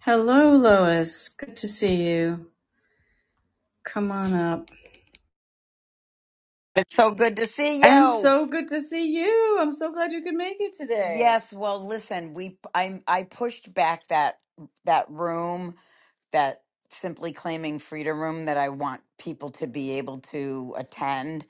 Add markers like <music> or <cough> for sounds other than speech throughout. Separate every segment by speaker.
Speaker 1: Hello, Lois. Good to see you. Come on up.
Speaker 2: It's so good to see
Speaker 1: And
Speaker 2: you.
Speaker 1: so good to see you. I'm so glad you could make it today.
Speaker 2: Yes, well, listen, we I I pushed back that that room that simply claiming freedom room that I want people to be able to attend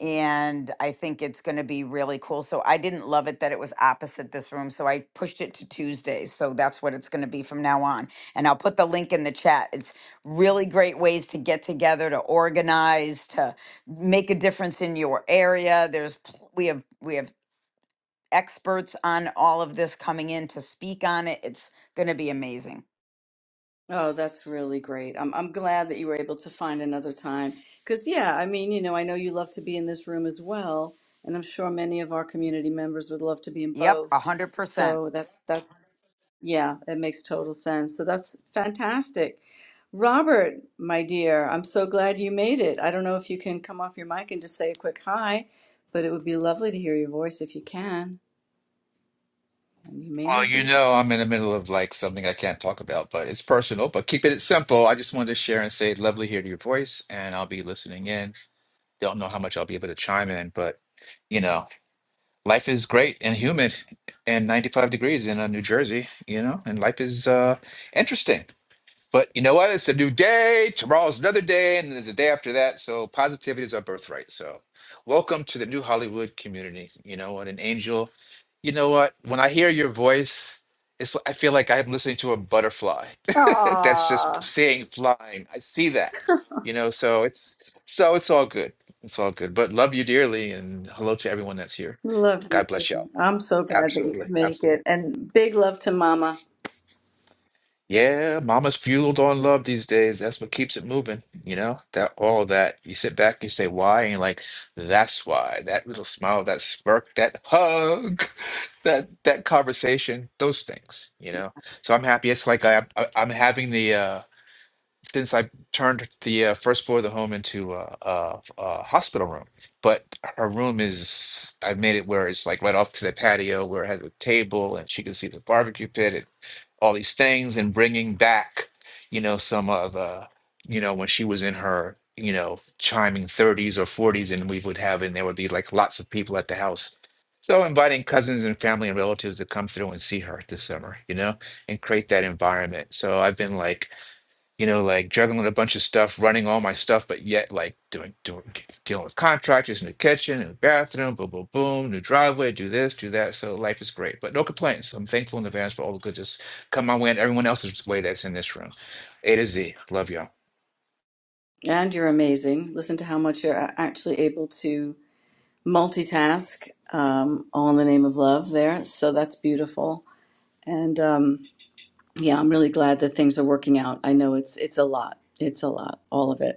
Speaker 2: and I think it's going to be really cool. So I didn't love it that it was opposite this room, so I pushed it to Tuesdays. So that's what it's going to be from now on. And I'll put the link in the chat. It's really great ways to get together, to organize, to make a difference in your area. There's pl- we have we have experts on all of this coming in to speak on it. It's going to be amazing.
Speaker 1: Oh, that's really great. I'm I'm glad that you were able to find another time. Cause yeah, I mean, you know, I know you love to be in this room as well, and I'm sure many of our community members would love to be in
Speaker 2: Yep,
Speaker 1: both.
Speaker 2: 100%.
Speaker 1: So that that's yeah, it makes total sense. So that's fantastic. Robert, my dear, I'm so glad you made it. I don't know if you can come off your mic and just say a quick hi, but it would be lovely to hear your voice if you can. And you may
Speaker 3: Well,
Speaker 1: not
Speaker 3: you
Speaker 1: be.
Speaker 3: know, I'm in the middle of like something I can't talk about, but it's personal. But keeping it simple, I just wanted to share and say, lovely to hear your voice, and I'll be listening in. Don't know how much I'll be able to chime in, but you know, life is great and humid and 95 degrees in uh, New Jersey, you know, and life is uh interesting. But you know what? It's a new day. Tomorrow's another day, and then there's a day after that. So positivity is our birthright. So welcome to the new Hollywood community. You know what? An angel. You know what? When I hear your voice, it's I feel like I'm listening to a butterfly. <laughs> That's just
Speaker 1: Aww.
Speaker 3: saying flying. I see that. You know, so it's so it's all good. It's all good. But love you dearly, and hello to everyone that's here.
Speaker 1: Love you
Speaker 3: God bless y'all.
Speaker 1: too. I'm so glad that you could
Speaker 3: Absolutely,
Speaker 1: make
Speaker 3: absolutely.
Speaker 1: it. And big love to Mama.
Speaker 3: Yeah, mama's fueled on love these days. That's what keeps it moving, you know? That all of that. You sit back, you say why, and you're like, that's why. That little smile, that smirk, that hug, <laughs> that that conversation, those things, you know? So I'm happy. It's like I, I I'm having the uh since I turned the uh, first floor of the home into a, a, a hospital room, but her room is I've made it where it's like right off to the patio where it has a table and she can see the barbecue pit all these things and bringing back, you know, some of, uh, you know, when she was in her, you know, chiming 30s or 40s, and we would have, and there would be like lots of people at the house. So inviting cousins and family and relatives to come through and see her this summer, you know, and create that environment. So I've been like, you know, like juggling a bunch of stuff, running all my stuff, but yet like doing doing dealing with contractors in the kitchen and the bathroom, boom, boom, boom, new driveway, do this, do that. So life is great, but no complaints. I'm thankful in advance for all the good just come my way and everyone else's way that's in this room, A to Z. Love y'all.
Speaker 1: And you're amazing. Listen to how much you're a- actually able to multitask, um, all in the name of love there. So that's beautiful. And um, yeah, I'm really glad that things are working out. I know it's it's a lot. It's a lot, all of it.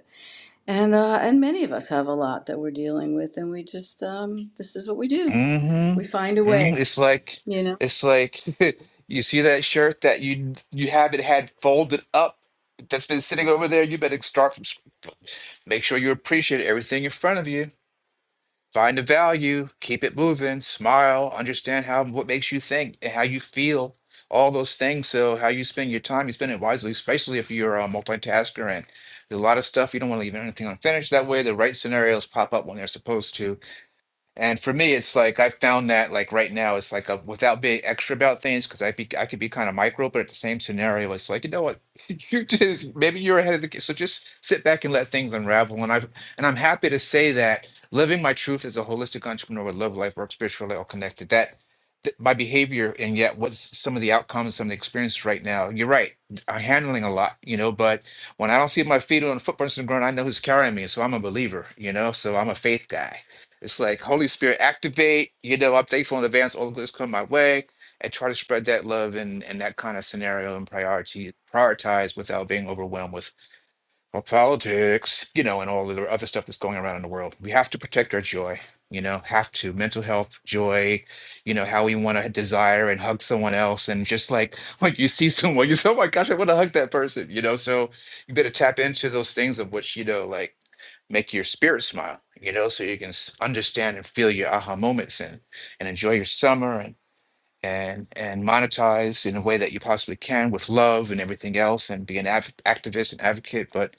Speaker 1: and uh, and many of us have a lot that we're dealing with, and we just um, this is what we do.
Speaker 3: Mm-hmm.
Speaker 1: We find a
Speaker 3: hmm
Speaker 1: way,
Speaker 3: It's like
Speaker 1: you know.
Speaker 3: it's like <laughs> you see that shirt that you you haven't had folded up that's been sitting over there. You better start from. sc- Make sure you appreciate everything in front of you Find the value, keep it moving, smile, understand how what makes you think and how you feel, all those things. So how you spend your time, you spend it wisely, especially if you're a multitasker and there's a lot of stuff you don't want to leave anything unfinished. That way the right scenarios pop up when they're supposed to and for me, it's like I found that like right now, it's like a, without being extra about things, because I be I could be kind of micro, but at the same scenario, it's like you know what, <laughs> you just maybe you're ahead of the game, so just sit back and let things unravel. And I've and I'm happy to say that living my truth as a holistic entrepreneur, with love, life, work, spiritually all connected. That th- my behavior and yet what's some of the outcomes, some of the experiences right now. You're right, I'm handling a lot, you know, but when I don't see my feet on the footprints on the ground, I know who's carrying me, so I'm a believer, you know, so I'm a faith guy it's like Holy Spirit activate. You know, I'm thankful in advance. All good this come my way, and try to spread that love and and that kind of scenario and priority prioritize without being overwhelmed with well, politics, you know, and all of the other stuff that's going around in the world. We have to protect our joy. You know, have to mental health, joy, you know, how we want to desire and hug someone else. And just like <laughs> when you see someone, you say, oh my gosh, I want to hug that person, you know. So you better tap into those things of which, you know, like make your spirit smile, you know, so you can s- understand and feel your aha moments and and enjoy your summer and and and monetize in a way that you possibly can with love and everything else and be an av- activist and advocate, but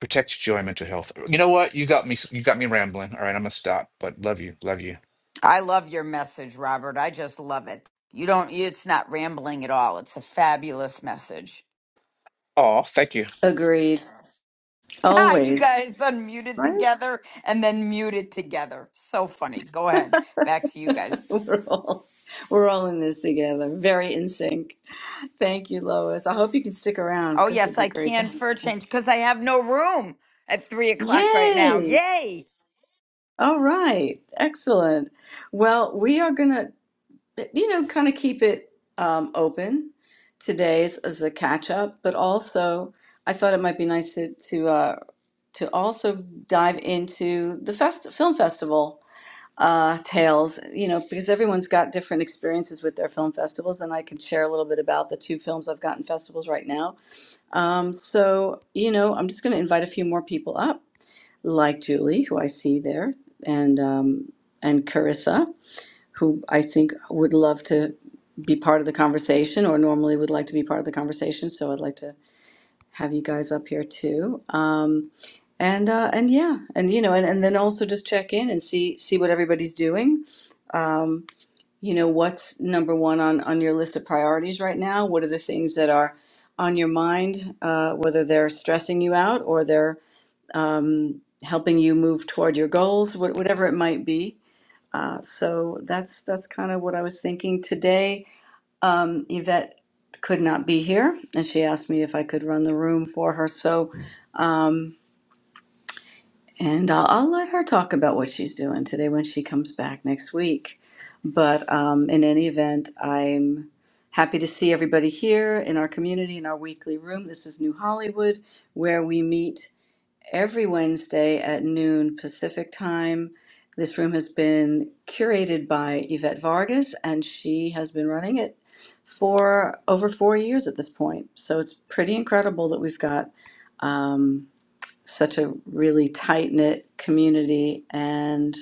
Speaker 3: protect your joy and mental health. You know what? You got me. s- You got me rambling. All right, I'm gonna stop. But love you, love you.
Speaker 2: I love your message, Robert. I just love it. You don't, it's not rambling at all. It's a fabulous message. <laughs>
Speaker 3: Oh, thank you.
Speaker 1: Agreed.
Speaker 2: Ah, you
Speaker 1: Always,
Speaker 2: guys unmuted
Speaker 1: right?
Speaker 2: together and then muted together. So funny. Go ahead. Back to you guys.
Speaker 1: <laughs> we're all we're all in this together. Very in sync. Thank you, Lois. I hope you can stick around
Speaker 2: Oh,
Speaker 1: because it'd
Speaker 2: yes,
Speaker 1: be
Speaker 2: I
Speaker 1: great to
Speaker 2: can
Speaker 1: have you.
Speaker 2: for a change because I have no room at three o'clock right now.
Speaker 1: Yay!
Speaker 2: Yay.
Speaker 1: All right, excellent. Well, we are gonna. you know, kind of keep it um, open today as as a catch up, but also I thought it might be nice to to uh, to also dive into the fest- film festival uh, tales, you know, because everyone's got different experiences with their film festivals, and I can share a little bit about the two films I've gotten festivals right now. Um, so, you know, I'm just going to invite a few more people up, like Julie, who I see there, and um, and Carissa who I think would love to be part of the conversation or normally would like to be part of the conversation. So I'd like to have you guys up here too. Um, and uh, and yeah, and you know, and, and then also just check in and see see what everybody's doing. Um, you know, what's number one on on your list of priorities right now? What are the things that are on your mind, uh, whether they're stressing you out or they're um, helping you move toward your goals, wh- whatever it might be uh, so that's that's kind of what I was thinking today. Um, Yvette could not be here, and she asked me if I could run the room for her. So, um, and I'll, I'll let her talk about what she's doing today when she comes back next week. But um, in any event, I'm happy to see everybody here in our community in our weekly room. This is New Hollywood, where we meet every Wednesday at noon Pacific time. This room has been curated by Yvette Vargas, and she has been running it for over four years at this point. So it's pretty incredible that we've got um, such a really tight knit community, and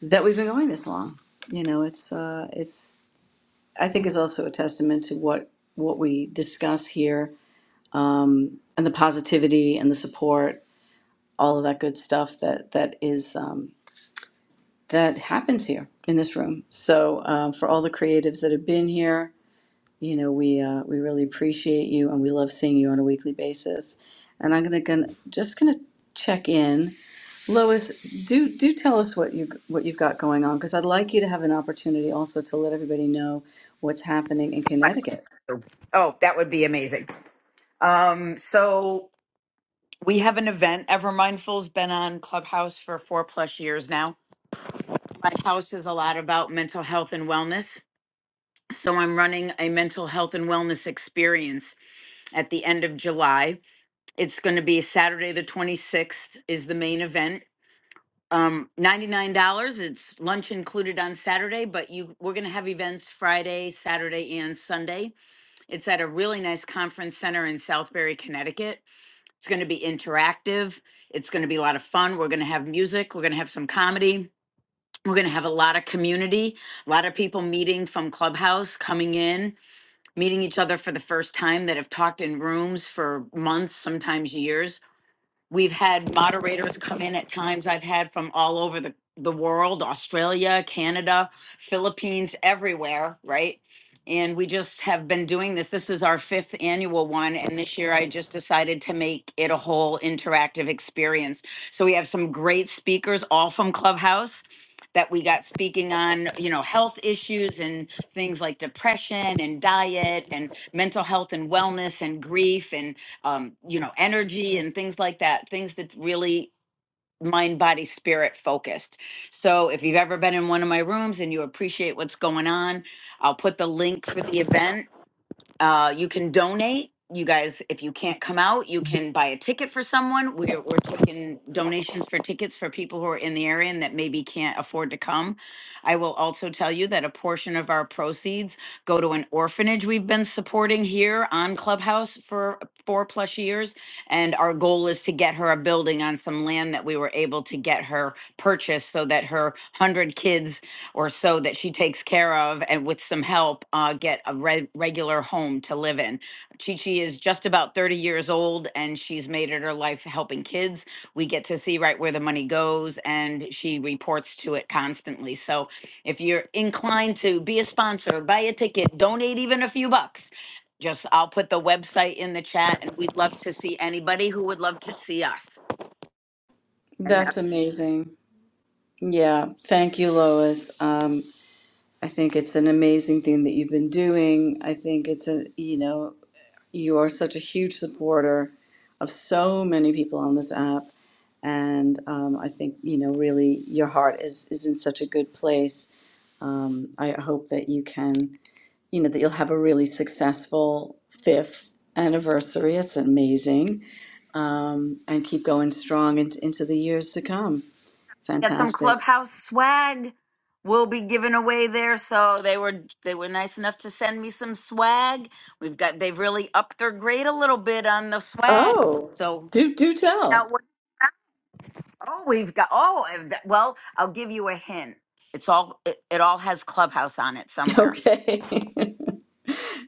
Speaker 1: that we've been going this long. You know, it's uh, it's I think is also a testament to what what we discuss here and the positivity and the support all of that good stuff that that is um, that happens here in this room. So um, for all the creatives that have been here, you know, we uh, we really appreciate you, and we love seeing you on a weekly basis. And I'm gonna, gonna just gonna check in. Lois, do do tell us what you what you've got going on, because I'd like you to have an opportunity also to let everybody know what's happening in Connecticut.
Speaker 2: Oh, that would be amazing. Um, so we have an event. Ever Mindful's been on Clubhouse for four plus years now. My house is a lot about mental health and wellness. So I'm running a mental health and wellness experience at the end of July. It's going to be Saturday, the 26th, is the main event. Um, $99. It's lunch included on Saturday, but you we're gonna have events Friday, Saturday, and Sunday. It's at a really nice conference center in Southbury, Connecticut. It's going to be interactive. It's going to be a lot of fun. We're going to have music. We're going to have some comedy. We're going to have a lot of community, a lot of people meeting from Clubhouse, coming in, meeting each other for the first time that have talked in rooms for months, sometimes years We've had moderators come in at times I've had from all over the, the world, Australia, Canada, Philippines, everywhere, right? And we just have been doing this. This is our fifth annual one. And this year I just decided to make it a whole interactive experience. So we have some great speakers, all from Clubhouse that we got speaking on, you know, health issues and things like depression and diet and mental health and wellness and grief and um, you know, energy and things like that, things that really mind, body, spirit focused. So if you've ever been in one of my rooms and you appreciate what's going on, I'll put the link for the event uh, you can donate. You guys, if you can't come out, you can buy a ticket for someone. We're, we're taking donations for tickets for people who are in the area and that maybe can't afford to come. I will also tell you that a portion of our proceeds go to an orphanage we've been supporting here on Clubhouse for four plus years. And our goal is to get her a building on some land that we were able to get her purchased so that her 100 kids or so that she takes care of and with some help uh, get a re- regular home to live in. Chi Chi is just about 30 years old and she's made it her life helping kids. We get to see right where the money goes and she reports to it constantly. So if you're inclined to be a sponsor, buy a ticket, donate even a few bucks. Just I'll put the website in the chat and we'd love to see anybody who would love to see us. And
Speaker 1: That's amazing. Yeah, thank you, Lois. Um, I think it's an amazing thing that you've been doing. I think it's a you know You are such a huge supporter of so many people on this app. And um, I think, you know, really your heart is, is in such a good place. Um, I hope that you can, you know, that you'll have a really successful fifth anniversary. It's amazing. Um, and keep going strong in, into the years to come.
Speaker 2: Got some
Speaker 1: Fantastic.
Speaker 2: clubhouse swag will be given away there. So they were they were nice enough to send me some swag. We've got they've really upped their grade a little bit on the swag.
Speaker 1: Oh,
Speaker 2: So
Speaker 1: do do tell.
Speaker 2: that
Speaker 1: <laughs>
Speaker 2: what oh we've got oh and that- well I'll give you a hint. It's all it, it all has clubhouse on it somewhere.
Speaker 1: Okay. <laughs>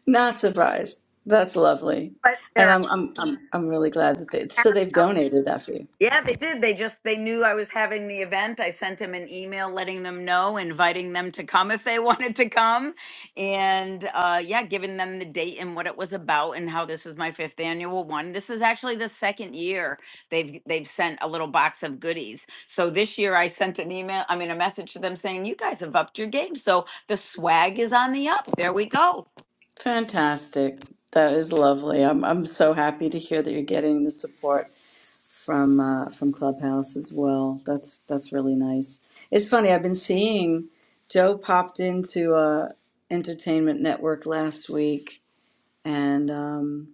Speaker 1: Not surprised. That's lovely.
Speaker 2: But
Speaker 1: And
Speaker 2: there are
Speaker 1: I'm I'm I'm I'm really glad that they so
Speaker 2: apps
Speaker 1: they've donated that for you.
Speaker 2: Yeah, they did. They just they knew I was having the event. I sent them an email letting them know, inviting them to come if they <laughs> wanted to come, and uh, yeah, giving them the date and what it was about and how this is my fifth annual one. This is actually the second year they've they've sent a little box of goodies. So this year I sent an email, I mean a message to them saying you guys have upped your game, so the swag is on the up. There we go.
Speaker 1: Fantastic. That is lovely. I'm I'm so happy to hear that you're getting the support from uh, from Clubhouse as well. That's that's really nice. It's funny, I've been seeing Joe popped into uh Entertainment Network last week and um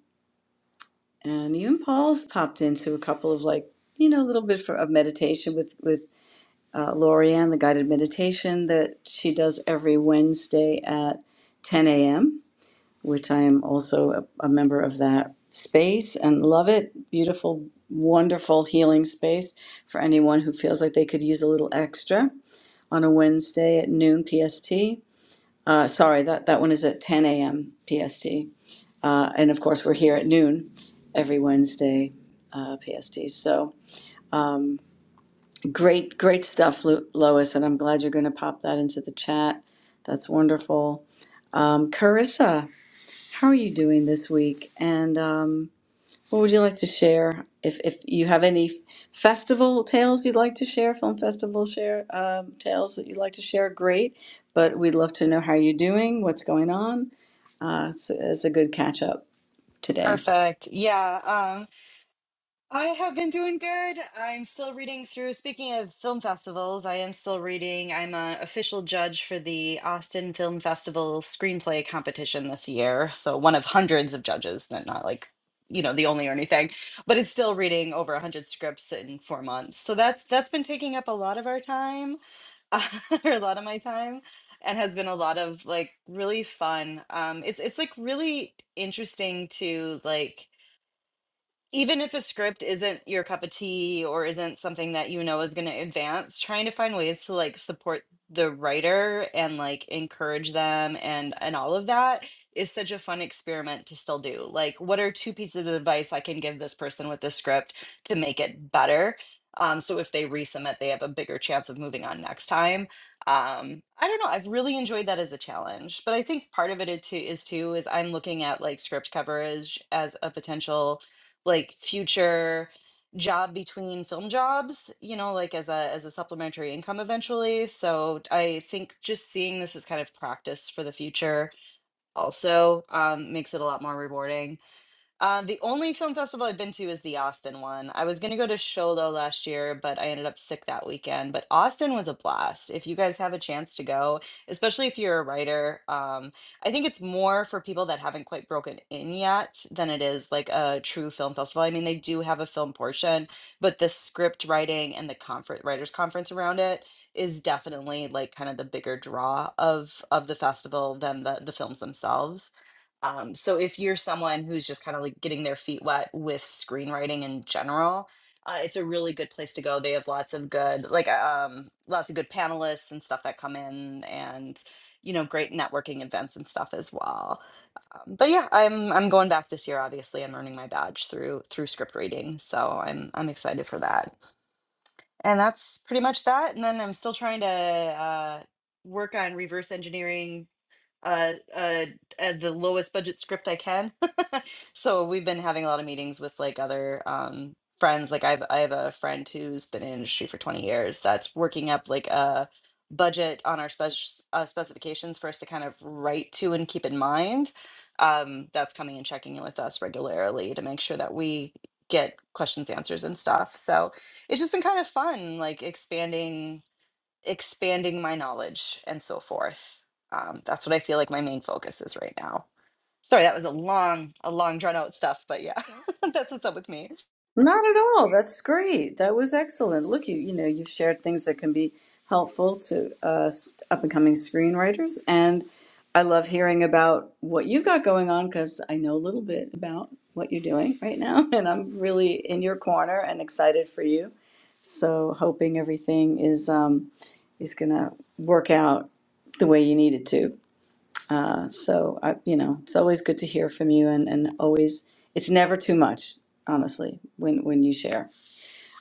Speaker 1: and even Paul's popped into a couple of like, you know, a little bit for, of meditation with with uh, Lorianne, the guided meditation that she does every Wednesday at 10 a.m., which I am also a, a member of that space and love it. Beautiful, wonderful healing space for anyone who feels like they could use a little extra on a Wednesday at noon PST. Uh, sorry, that, that one is at 10 a.m. PST. Uh, and of course, we're here at noon every Wednesday uh, PST. So, Great, great stuff, Lu- Lois, and I'm glad you're going to pop that into the chat. That's wonderful. Um, Carissa, how are you doing this week? And um, what would you like to share? If, if you have any festival tales you'd like to share, film festival share um, tales that you'd like to share, great. But we'd love to know how you're doing, what's going on. Uh, so it's a good catch up today.
Speaker 4: Perfect. Yeah. Um, I have been doing good. I'm still reading through, speaking of film festivals, I am still reading. I'm an official judge for the Austin Film Festival screenplay competition this year. So one of hundreds of judges, not not like, you know, the only or anything, but it's still reading over 100 scripts in four months. So that's that's been taking up a lot of our time, <laughs> or a lot of my time. And has been a lot of like really fun. Um, it's it's like really interesting to like even if a script isn't your cup of tea or isn't something that you know is going to advance trying to find ways to like support the writer and like encourage them and and all of that is such a fun experiment to still do like what are two pieces of advice i can give this person with this script to make it better um, so if they resubmit they have a bigger chance of moving on next time um, i don't know i've really enjoyed that as a challenge but i think part of it is too is too is i'm looking at like script coverage as a potential like future job between film jobs you know like as a as a supplementary income eventually so i think just seeing this as kind of practice for the future also um, makes it a lot more rewarding uh, the only film festival I've been to is the Austin one. I was going to go to Sholo last year, but I ended up sick that weekend. But Austin was a blast. If you guys have a chance to go, especially if you're a writer, um, I think it's more for people that haven't quite broken in yet than it is like a true film festival. I mean, they do have a film portion, but the script writing and the conference writers conference around it is definitely like kind of the bigger draw of of the festival than the the films themselves. Um, so if you're someone who's just kind of like getting their feet wet with screenwriting in general, uh, it's a really good place to go. They have lots of good, like, uh, um, lots of good panelists and stuff that come in, and you know, great networking events and stuff as well. Um, but yeah, I'm I'm going back this year. Obviously, I'm earning my badge through through script reading, so I'm I'm excited for that. And that's pretty much that. And then I'm still trying to uh, work on reverse engineering uh, uh, uh, the lowest budget script I can. <laughs> so we've been having a lot of meetings with like other um, friends. Like I've I have a friend who's been in industry for twenty years that's working up like a budget on our spec- uh, specifications for us to kind of write to and keep in mind. Um, that's coming and checking in with us regularly to make sure that we get questions answers and stuff so it's just been kind of fun like expanding expanding my knowledge and so forth. Um, that's what I feel like my main focus is right now. Sorry, that was a long, a long drawn out stuff, but yeah, <laughs> that's what's up with me.
Speaker 1: Not at all. That's great. That was excellent. Look, you you know you've shared things that can be helpful to uh, up and coming screenwriters, and I love hearing about what you've got going on because I know a little bit about what you're doing right now, <laughs> and I'm really in your corner and excited for you. So hoping everything is um, is gonna work out the way you need it to. Uh, so I, you know, it's always good to hear from you, and and always, it's never too much, honestly, when when you share.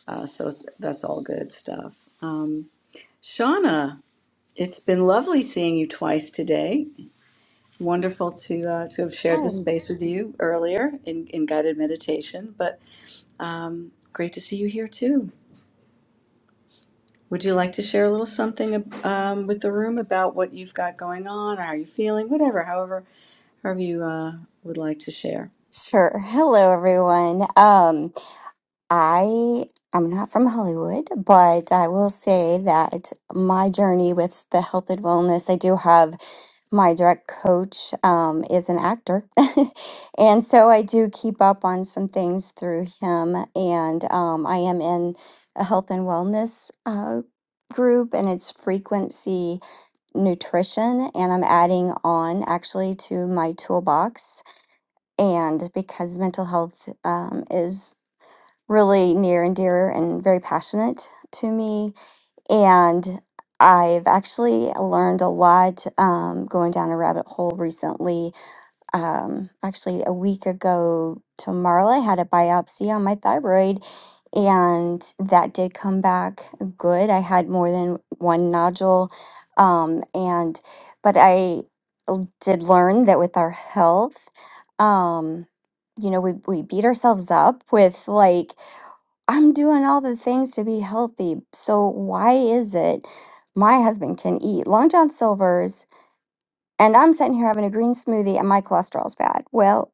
Speaker 1: Uh, so it's, that's all good stuff. Um, Shauna, it's been lovely seeing you twice today. Wonderful to uh, to have shared the
Speaker 5: Hi.
Speaker 1: space with you earlier in in guided meditation, but um, great to see you here too. Would you like to share a little something um, with the room about what you've got going on, or how you're feeling, whatever, however, however you uh, would like to share?
Speaker 5: Sure. Hello, everyone. Um, I I'm not from Hollywood, but I will say that my journey with the health and wellness, I do have my direct coach um, is an actor, <laughs> and so I do keep up on some things through him, and um, I am in a health and wellness uh, group, and it's frequency nutrition, and I'm adding on actually to my toolbox And because mental health um, is really near and dear and very passionate to me, and I've actually learned a lot um, going down a rabbit hole recently um, actually a week ago tomorrow. I had a biopsy on my thyroid, and that did come back good. I had more than one nodule, um, and but I l- did learn that with our health, um, you know, we we beat ourselves up with like I'm doing all the things to be healthy, so why is it? My husband can eat Long John Silver's and I'm sitting here having a green smoothie and my cholesterol's bad. Well,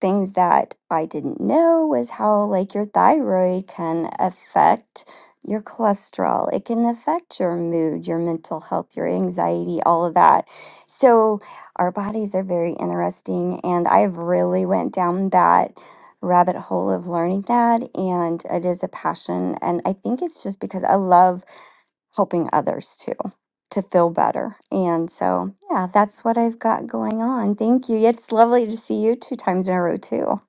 Speaker 5: things that I didn't know was how like your thyroid can affect your cholesterol. It can affect your mood, your mental health, your anxiety, all of that. So our bodies are very interesting and I've really went down that rabbit hole of learning that and it is a passion and I think it's just because I love helping others too to feel better. And so, yeah, that's what I've got going on. Thank you. It's lovely to see you two times in a row too.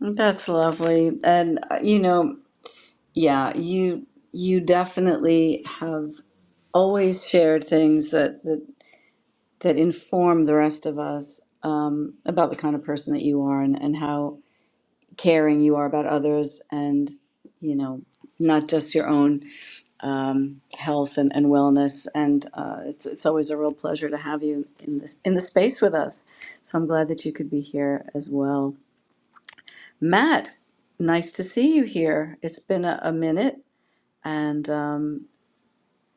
Speaker 1: That's lovely. And uh, you know, yeah, you you definitely have always shared things that that that inform the rest of us um, about the kind of person that you are and and how caring you are about others and you know, not just your own um, health and, and wellness. And uh, it's it's always a real pleasure to have you in this in the space with us. So I'm glad that you could be here as well. Matt, nice to see you here. It's been a, a minute, and um,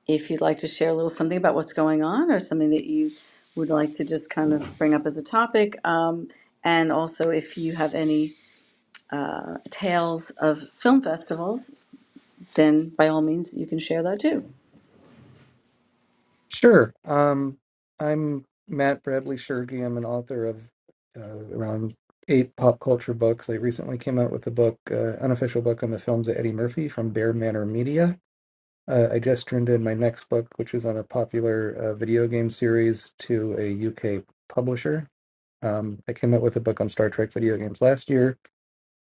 Speaker 1: if you'd like to share a little something about what's going on or something that you would like to just kind of bring up as a topic, um, and also if you have any uh, tales of film festivals, then by all means you can share that too.
Speaker 6: Sure. Um, I'm Matt Bradley Shergi. I'm an author of uh, around eight pop culture books. I recently came out with a book, uh, unofficial book on the films of Eddie Murphy from Bear Manor Media. Uh, I just turned in my next book, which is on a popular uh, video game series, to a UK publisher. Um, I came out with a book on Star Trek video games last year,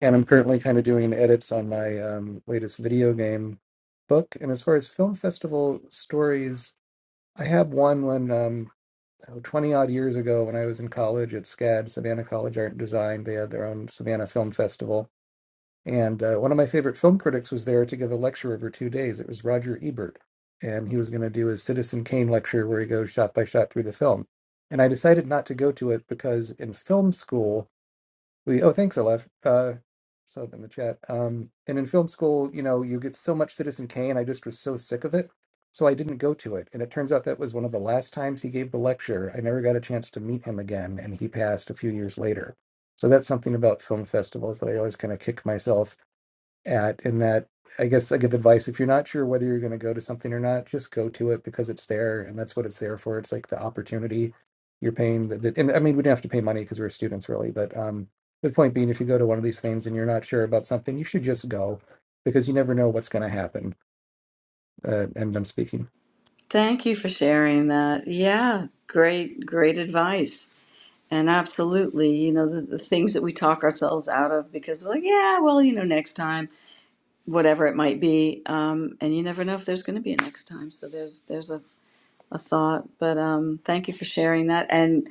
Speaker 6: and I'm currently kind of doing edits on my um, latest video game book. And as far as film festival stories, I have one when. Um, oh, 20 odd years ago when I was in college at SCAD, Savannah College Art and Design. They had their own Savannah Film Festival. And uh, one of my favorite film critics was there to give a lecture over two days. It was Roger Ebert. And he was going to do his Citizen Kane lecture where he goes shot by shot through the film. And I decided not to go to it because in film school, we oh thanks, Aleph. Uh saw it in the chat. Um and in film school, you know, you get so much Citizen Kane, I just was so sick of it. So I didn't go to it. And it turns out that was one of the last times he gave the lecture. I never got a chance to meet him again, and he passed a few years later. So that's something about film festivals that I always kind of kick myself at in that I guess I give advice if you're not sure whether you're going to go to something or not, just go to it because it's there and that's what it's there for. It's like the opportunity you're paying the, the and I mean we didn't have to pay money because we were students really, but um the point being if you go to one of these things and you're not sure about something, you should just go because you never know what's going to happen. Uh, and I'm speaking.
Speaker 1: Thank you for sharing that. Yeah, great, great advice. And absolutely, you know, the, the things that we talk ourselves out of because we're like, yeah, well, you know, next time. whatever it might be. Um, and you never know if there's going to be a next time. So there's there's a, a thought. But um, thank you for sharing that. And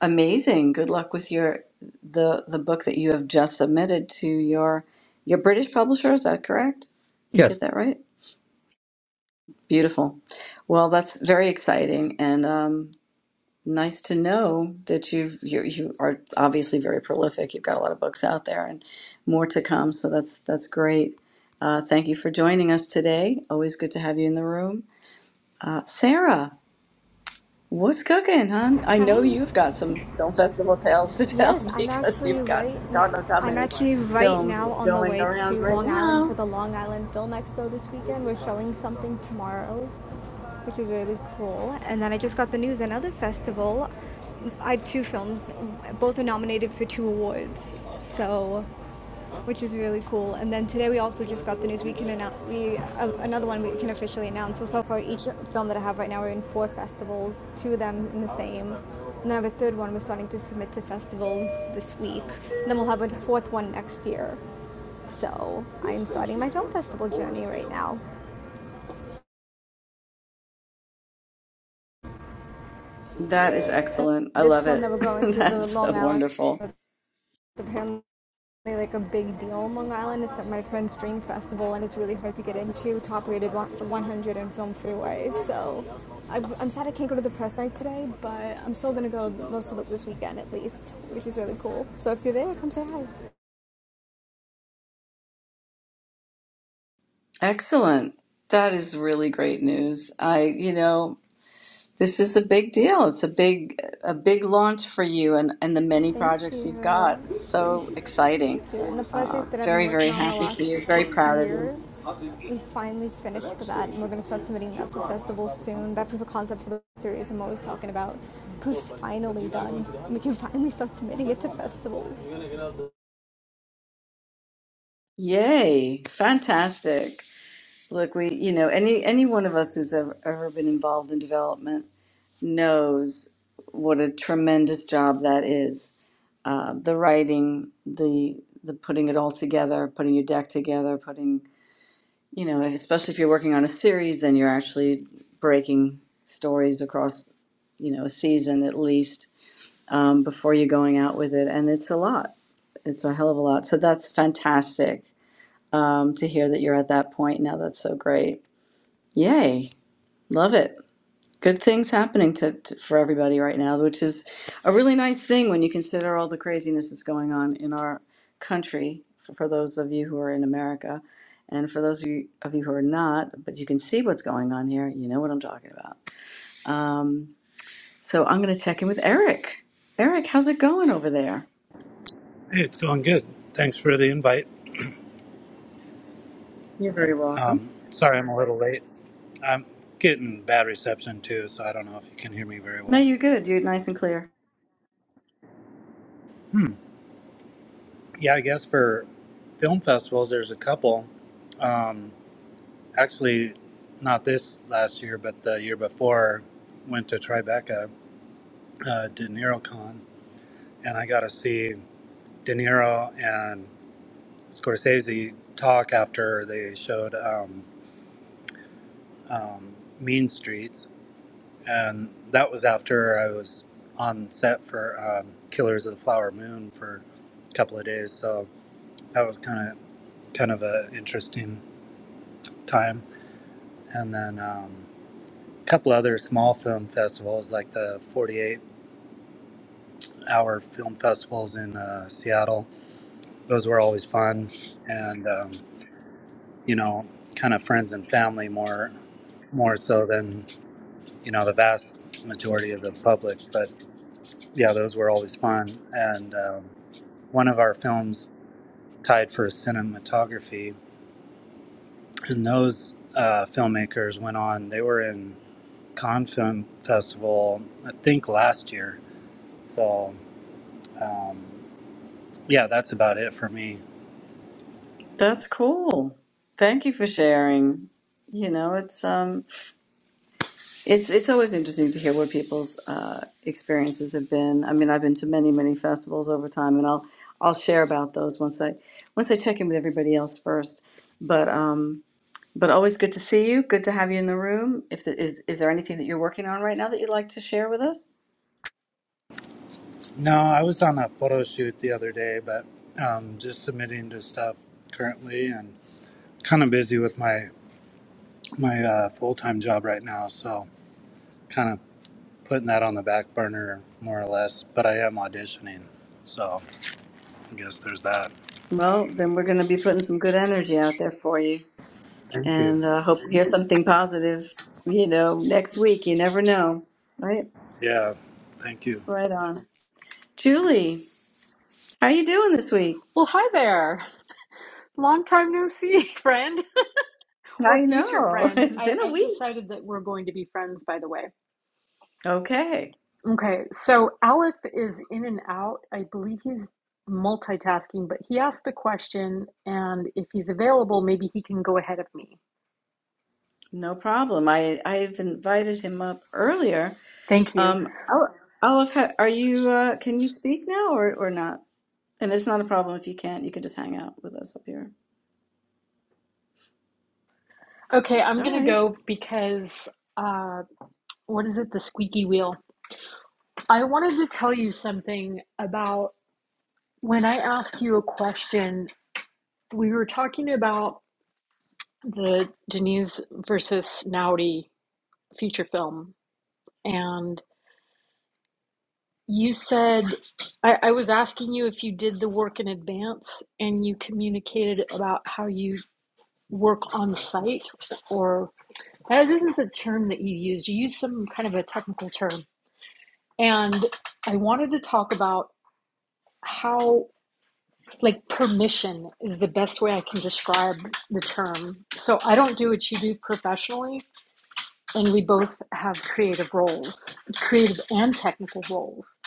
Speaker 1: amazing. Good luck with your the the book that you have just submitted to your your British publisher. Is that correct? Did I get
Speaker 6: Yes.
Speaker 1: that right? Beautiful. Well, that's very exciting. And um, Nice to know that you've you you are obviously very prolific. You've got a lot of books out there and more to come. So that's that's great. Uh, thank you for joining us today. Always good to have you in the room. Uh, Sarah, what's cooking, hon? I
Speaker 7: Hi.
Speaker 1: know you've got some film festival tales to tell
Speaker 7: Yes,
Speaker 1: <laughs>
Speaker 7: I'm
Speaker 1: because
Speaker 7: actually
Speaker 1: you've got
Speaker 7: right now.
Speaker 1: God knows how
Speaker 7: I'm
Speaker 1: many
Speaker 7: actually right
Speaker 1: films
Speaker 7: now on the
Speaker 1: going
Speaker 7: way to
Speaker 1: around right
Speaker 7: Long Island for
Speaker 1: now.
Speaker 7: the Long Island Film Expo this weekend. We're showing something tomorrow, which is really cool. And then I just got the news another festival. I had two films, both are nominated for two awards. So which is really cool. And then today we also just got the news we can announce we uh, another one we can officially announce. So so far each film that I have right now are in four festivals, two of them in the same. And then I have a third one we're starting to submit to festivals this week. And then we'll have a fourth one next year. So I'm starting my film festival journey right now.
Speaker 1: That is
Speaker 7: Yes. And
Speaker 1: excellent. I
Speaker 7: this
Speaker 1: love
Speaker 7: one that
Speaker 1: it.
Speaker 7: we're
Speaker 1: <laughs>
Speaker 7: going to the
Speaker 1: That's so
Speaker 7: Long Island
Speaker 1: wonderful.
Speaker 7: apparently really, like a big deal in Long Island. It's at my friend's Dream Festival, and it's really hard to get into. Top rated 100 in Film Freeway. So I, I'm sad I can't go to the press night today, but I'm still gonna go most of it this weekend at least, which is really cool. So if you're there, come say hi.
Speaker 1: Excellent. That is really great news. I, you know. This is a big deal. It's a big a big launch for you and and the many
Speaker 7: Thank
Speaker 1: projects you've
Speaker 7: you.
Speaker 1: got. It's so exciting.
Speaker 7: Thank you. And the
Speaker 1: Uh,
Speaker 7: project that I've been
Speaker 1: very very
Speaker 7: working on the
Speaker 1: happy for
Speaker 7: last
Speaker 1: you. Very
Speaker 7: six
Speaker 1: proud of you.
Speaker 7: years, we finally finished that, and we're gonna start submitting that to festivals soon. That proof of concept for the series I'm always talking about proof's finally done. We can finally start submitting it to festivals.
Speaker 1: Yay! Fantastic. Look, we you know any any one of us who's ever, ever been involved in development knows what a tremendous job that is. Uh, the writing, the the putting it all together, putting your deck together, putting you know, especially if you're working on a series, then you're actually breaking stories across, you know, a season at least um, before you're going out with it. And it's a lot. It's a hell of a lot. So that's fantastic um, to hear that you're at that point now. That's so great. Yay. Love it good things happening to, to for everybody right now, which is a really nice thing when you consider all the craziness that's going on in our country. For, for those of you who are in America, and for those of you, of you who are not, but you can see what's going on here, you know what I'm talking about. Um, so I'm going to check in with Eric. Eric, how's it going over there?
Speaker 8: Hey, it's going good. Thanks for the invite.
Speaker 1: You're very welcome.
Speaker 8: Um, sorry I'm a little late. I'm getting bad reception too, so I don't know if you can hear me very
Speaker 1: No,
Speaker 8: well.
Speaker 1: you're good. You're nice and clear.
Speaker 8: Yeah, I guess for film festivals, there's a couple. Um, actually, not this last year, but the year before, went to Tribeca, uh, De Niro Con, and I got to see De Niro and Scorsese talk after they showed um, um, Mean Streets and that was after I was on set for um, Killers of the Flower Moon for a couple of days. So that was kind of kind of an interesting time. And then um, a couple other small film festivals, like the 48 Hour Film Festivals in uh, Seattle. Those were always fun, and um, you know, kind of friends and family more more so than you know the vast majority of the public. But yeah, those were always fun, and. Um, one of our films tied for cinematography. And those uh, filmmakers went on, they were in Cannes Film Festival, I think last year. So, um, yeah, that's about it for me.
Speaker 1: That's cool. Thank you for sharing. You know, it's um It's it's always interesting to hear what people's uh, experiences have been. I mean, I've been to many many festivals over time, and I'll I'll share about those once I once I check in with everybody else first. But um, but always good to see you. Good to have you in the room. If the, is is there anything that you're working on right now that you'd like to share with us?
Speaker 8: No, I was on a photo shoot the other day, but um, just submitting to stuff currently and kind of busy with my, my uh, full time job right now. So, kind of putting that on the back burner more or less, but I am auditioning. So, I guess there's that.
Speaker 1: Well, then we're going to be putting some good energy out there for you,
Speaker 8: Thank you.
Speaker 1: and uh, hope to hear something positive. You know, next week. You never know, right?
Speaker 8: Yeah, thank you.
Speaker 1: Right on, Julie. How are you doing this week?
Speaker 9: Well, hi there. Long time no see, <laughs> friend or
Speaker 1: I
Speaker 9: future
Speaker 1: know. <laughs>
Speaker 9: friend.
Speaker 1: It's
Speaker 9: I,
Speaker 1: been a
Speaker 9: I've
Speaker 1: week.
Speaker 9: decided that we're going to be friends, by the way.
Speaker 1: Okay.
Speaker 9: Okay, so Aleph is in and out. I believe he's multitasking, but he asked a question, and if he's available, maybe he can go ahead of me.
Speaker 1: No problem. I I've invited him up earlier.
Speaker 9: Thank you.
Speaker 1: Um, Ol- Olive, ha- are you uh, can you speak now or or not? And it's not a problem if you can't. You can just hang out with us up here.
Speaker 9: Okay, I'm
Speaker 1: All
Speaker 9: going to
Speaker 1: right.
Speaker 9: go because uh, what is it? The squeaky wheel. I wanted to tell you something about when I asked you a question. We were talking about the Denise versus Naughty feature film. And you said, I, I was asking you if you did the work in advance and you communicated about how you work on site, or that isn't the term that you used. You used some kind of a technical term. And I wanted to talk about how, like, permission is the best way I can describe the term. So I don't do what you do professionally, and we both have creative roles, creative and technical roles.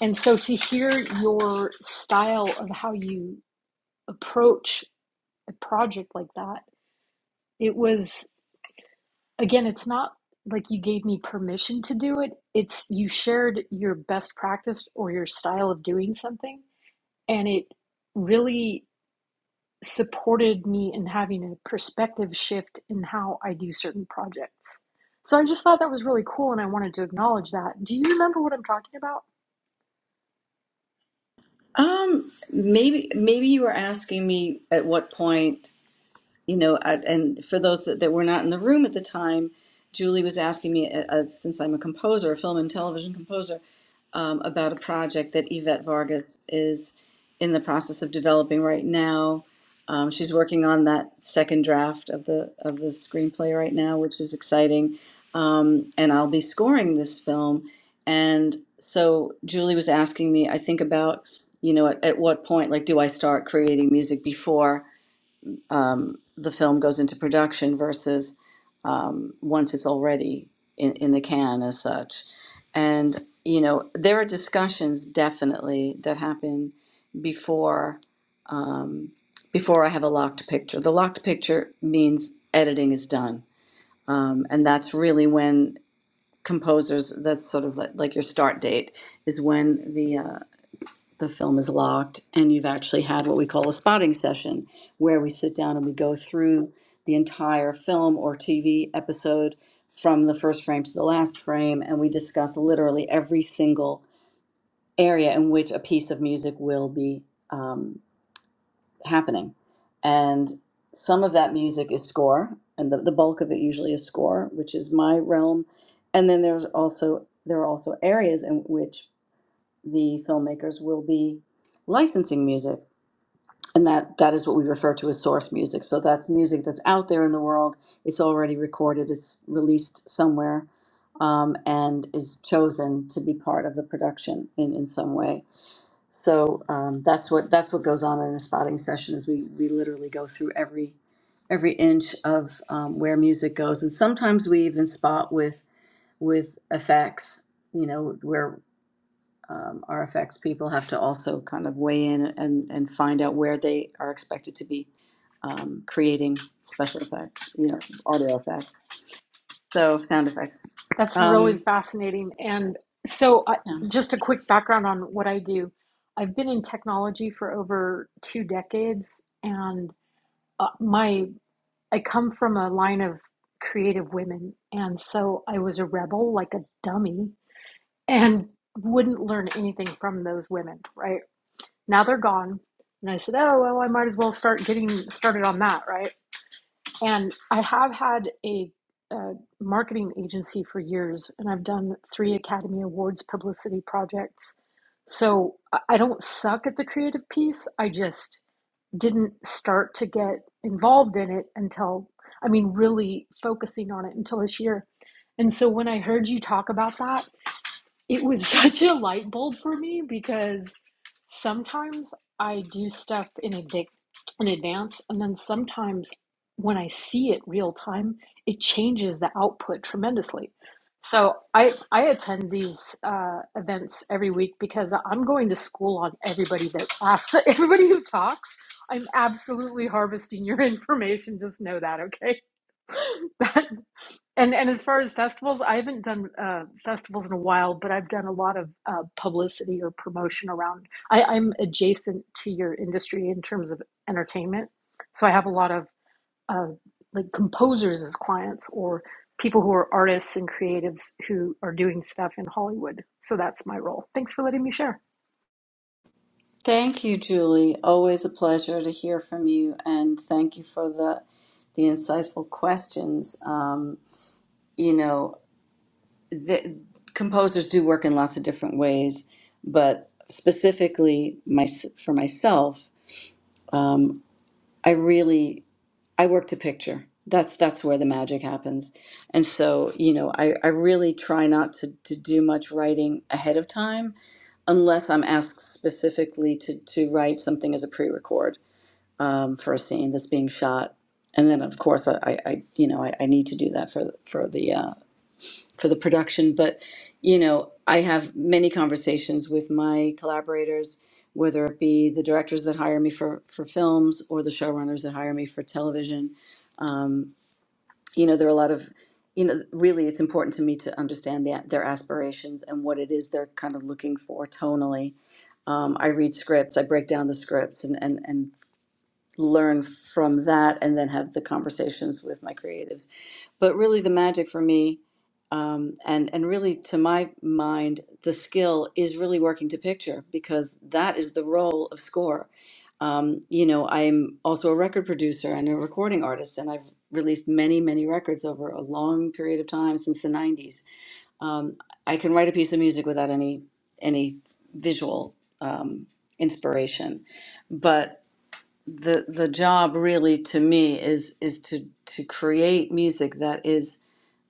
Speaker 9: And so to hear your style of how you approach a project like that, it was again, it's not like you gave me permission to do it. It's you shared your best practice or your style of doing something and it really supported me in having a perspective shift in how I do certain projects. So I just thought that was really cool and I wanted to acknowledge that. Do you remember what I'm talking about?
Speaker 1: Um, maybe maybe you were asking me at what point. you know, I, and for those that, that were not in the room at the time, Julie was asking me, uh, uh, since I'm a composer, a film and television composer, um, about a project that Yvette Vargas is in the process of developing right now. Um, she's working on that second draft of the of the screenplay right now, which is exciting. Um, and I'll be scoring this film. And so Julie was asking me, I think about, you know, at, at what point, like, do I start creating music before? um, the film goes into production versus um, once it's already in, in the can as such. And, you know, there are discussions definitely that happen before um, before I have a locked picture. The locked picture means editing is done. Um, and that's really when composers, that's sort of like, like your start date, is when the, uh, the film is locked and you've actually had what we call a spotting session where we sit down and we go through the entire film or TV episode from the first frame to the last frame and we discuss literally every single area in which a piece of music will be um, happening and some of that music is score and the, the bulk of it usually is score which is my realm and then there's also there are also areas in which the filmmakers will be licensing music and that that is what we refer to as source music so that's music that's out there in the world it's already recorded it's released somewhere um, and is chosen to be part of the production in, in some way so um, that's what that's what goes on in a spotting session is we we literally go through every every inch of um, where music goes and sometimes we even spot with with effects you know where um, RFX people have to also kind of weigh in and, and find out where they are expected to be um, creating special effects, you know, audio effects, so sound effects.
Speaker 9: That's really
Speaker 1: Um,
Speaker 9: fascinating. And so, I,
Speaker 1: yeah.
Speaker 9: just a quick background on what I do I've been in technology for over two decades, and uh, my I come from a line of creative women. And so I was a rebel, like a dummy, and wouldn't learn anything from those women, right? Now they're gone. And I said, oh, well, I might as well start getting started on that, right? And I have had a, uh marketing agency for years, and I've done three Academy Awards publicity projects. So I don't suck at the creative piece. I just didn't start to get involved in it until, I mean, really focusing on it until this year. And so when I heard you talk about that, it was <laughs> such a light bulb for me because sometimes I do stuff in adv- in advance, and then sometimes when I see it real time, it changes the output tremendously. So I I attend these uh, events every week because I'm going to school on everybody that asks, <laughs> everybody who talks. I'm absolutely harvesting your <laughs> information. Just know that, okay? <laughs> That and and as far as festivals, I haven't done uh, festivals in a while, but I've done a lot of uh, publicity or promotion around. I, I'm adjacent to your industry in terms of entertainment, so I have a lot of uh, like composers as clients or people who are artists and creatives who are doing stuff in Hollywood. So that's my role. Thanks for letting me share.
Speaker 1: Thank you, Julie. Always a pleasure to hear from you, and thank you for the the insightful questions. Um, you know, the, composers do work in lots of different ways, but specifically my, for myself, um, I really I work to picture. That's that's where the magic happens. And so, you know, I, I really try not to, to do much writing ahead of time unless I'm asked specifically to, to write something as a pre-record um, for a scene that's being shot. And then of course I, I, I you know I, I need to do that for the, for the uh, for the production but you know i have many conversations with my collaborators whether it be the directors that hire me for for films or the showrunners that hire me for television um, you know there are a lot of you know really it's important to me to understand the, their aspirations and what it is they're kind of looking for tonally um, i read scripts i break down the scripts and, and, and learn from that and then have the conversations with my creatives. But really, the magic for me, um, and and really to my mind, the skill is really working to picture because that is the role of score. Um, you know, I'm also a record producer and a recording artist, and I've released many, many records over a long period of time since the '90s um, I can write a piece of music without any any visual um, inspiration, but the the job really to me is is to to create music that is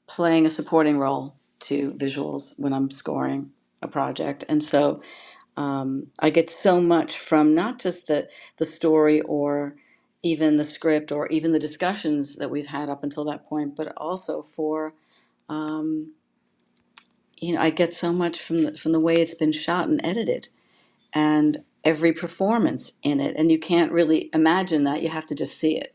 Speaker 1: playing a supporting role to visuals when I'm scoring a project, and so um, I get so much from not just the the story or even the script or even the discussions that we've had up until that point, but also for um, you know I get so much from the from the way it's been shot and edited and every performance in it and you can't really imagine that you have to just see it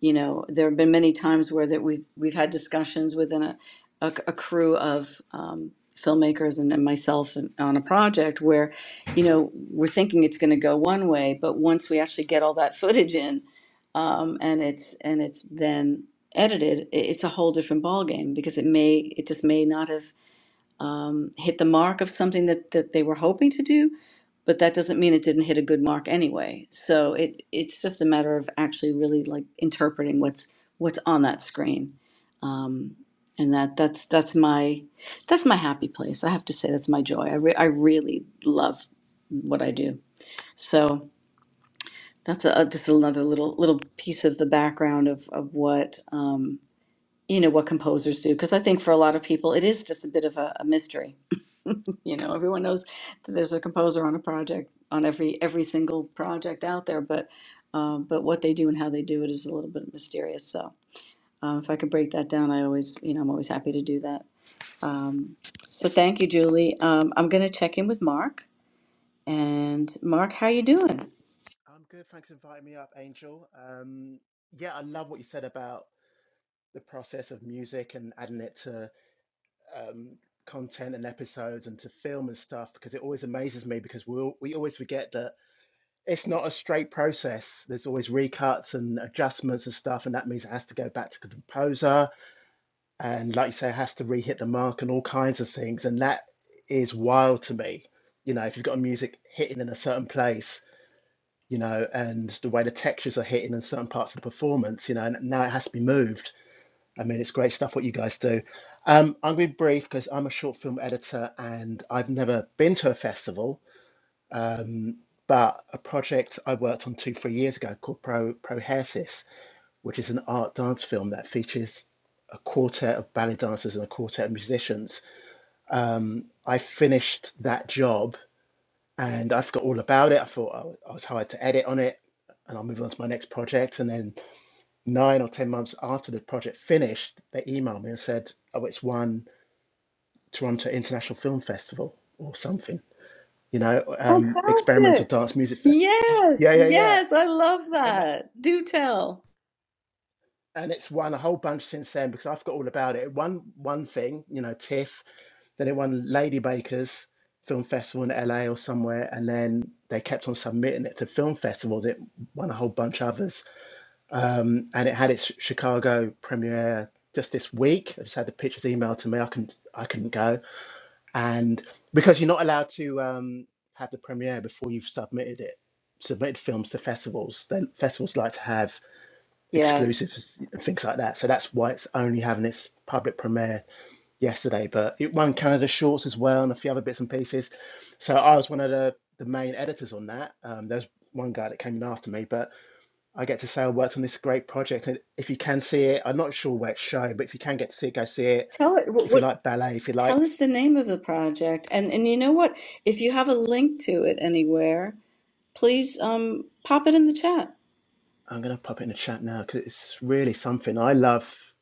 Speaker 1: you know there have been many times where that we've we've had discussions within a, a, a crew of um, filmmakers and, and myself and, on a project where you know we're thinking it's going to go one way but once we actually get all that footage in um, and it's and it's then edited i- it's a whole different ball game because it may it just may not have um, hit the mark of something that, that they were hoping to do, but that doesn't mean it didn't hit a good mark anyway. So it it's just a matter of actually really like interpreting what's what's on that screen, um, and that that's that's my that's my happy place. I have to say that's my joy. I re- I really love what I do. So that's a, just another little little piece of the background of of what. Um, you know what composers do because i think for a lot of people it is just a bit of a, a mystery you know everyone knows that there's a composer on a project on every every single project out there but um, but what they do and how they do it is a little bit mysterious so uh, if i could break that down i always you know i'm always happy to do that um, so thank you julie um, i'm going to check in with mark and mark how you doing
Speaker 10: I'm good. Thanks for inviting me up, Angel. Um, yeah, I love what you said about the process of music and adding it to um, content and episodes and to film and stuff because it always amazes me because we al- we always forget that it's not a straight process. There's always recuts and adjustments and stuff, and that means it has to go back to the composer and, like you say, it has to re-hit the mark and all kinds of things. And that is wild to me. You know, if you've got music hitting in a certain place you know, and the way the textures are hitting in certain parts of the performance, you know, and now it has to be moved. I mean, it's great stuff what you guys do. Um, I'm going to be brief because I'm a short film editor and I've never been to a festival, um, but a project I worked on two, three years ago called Pro Prohairsis, which is an art dance film that features a quartet of ballet dancers and a quartet of musicians. Um, I finished that job and I forgot all about it. I thought I was hired to edit on it, and I'll move on to my next project. And then nine or ten months after the project finished, they emailed me and said, "Oh, it's won Toronto International Film Festival or something, you know, um, experimental
Speaker 1: fantastic
Speaker 10: dance music festival." Yeah,
Speaker 1: yes
Speaker 10: yeah, yeah,
Speaker 1: yes i love
Speaker 10: and
Speaker 1: that do tell
Speaker 10: and it's won a whole bunch since then because I forgot all about it. It won one thing, you know, TIFF. Then it won Lady Baker's film festival in LA or somewhere, and then they kept on submitting it to film festivals. It won a whole bunch of others um, and it had its Chicago premiere just this week. I just had the pictures emailed to me. I couldn't, I couldn't go, and because you're not allowed to um, have the premiere before you've submitted it, submitted films to festivals. Then festivals like to have
Speaker 1: yes
Speaker 10: exclusives and things like that. So that's why it's only having its public premiere yesterday. But it won Canada Shorts as well, and a few other bits and pieces. So I was one of the the main editors on that. Um, there's one guy that came in after me, but I get to say I worked on this great project. And if you can see it, I'm not sure where it's shown, but if you can get to see it, go see it.
Speaker 1: tell it
Speaker 10: If you
Speaker 1: what,
Speaker 10: like ballet, if you
Speaker 1: Tell
Speaker 10: like,
Speaker 1: us the name of the project. And and you know what? If you have a link to it anywhere, please um pop it in the chat.
Speaker 10: I'm going to pop it in the chat now because it's really something. I love,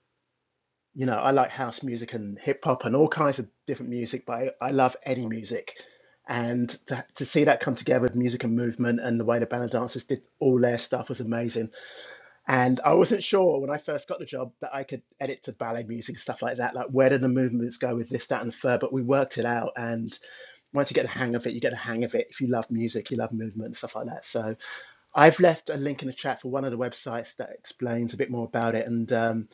Speaker 10: you know, I like house music and hip hop and all kinds of different music, but I, I love any music. And to, to see that come together with music and movement and the way the ballet dancers did all their stuff was amazing. And I wasn't sure when I first got the job that I could edit to ballet music, stuff like that. Like, where do the movements go with this, that, and the third? But we worked it out. And once you get the hang of it, you get the hang of it. If you love music, you love movement and stuff like that. So I've left a link in the chat for one of the websites that explains a bit more about it. And um,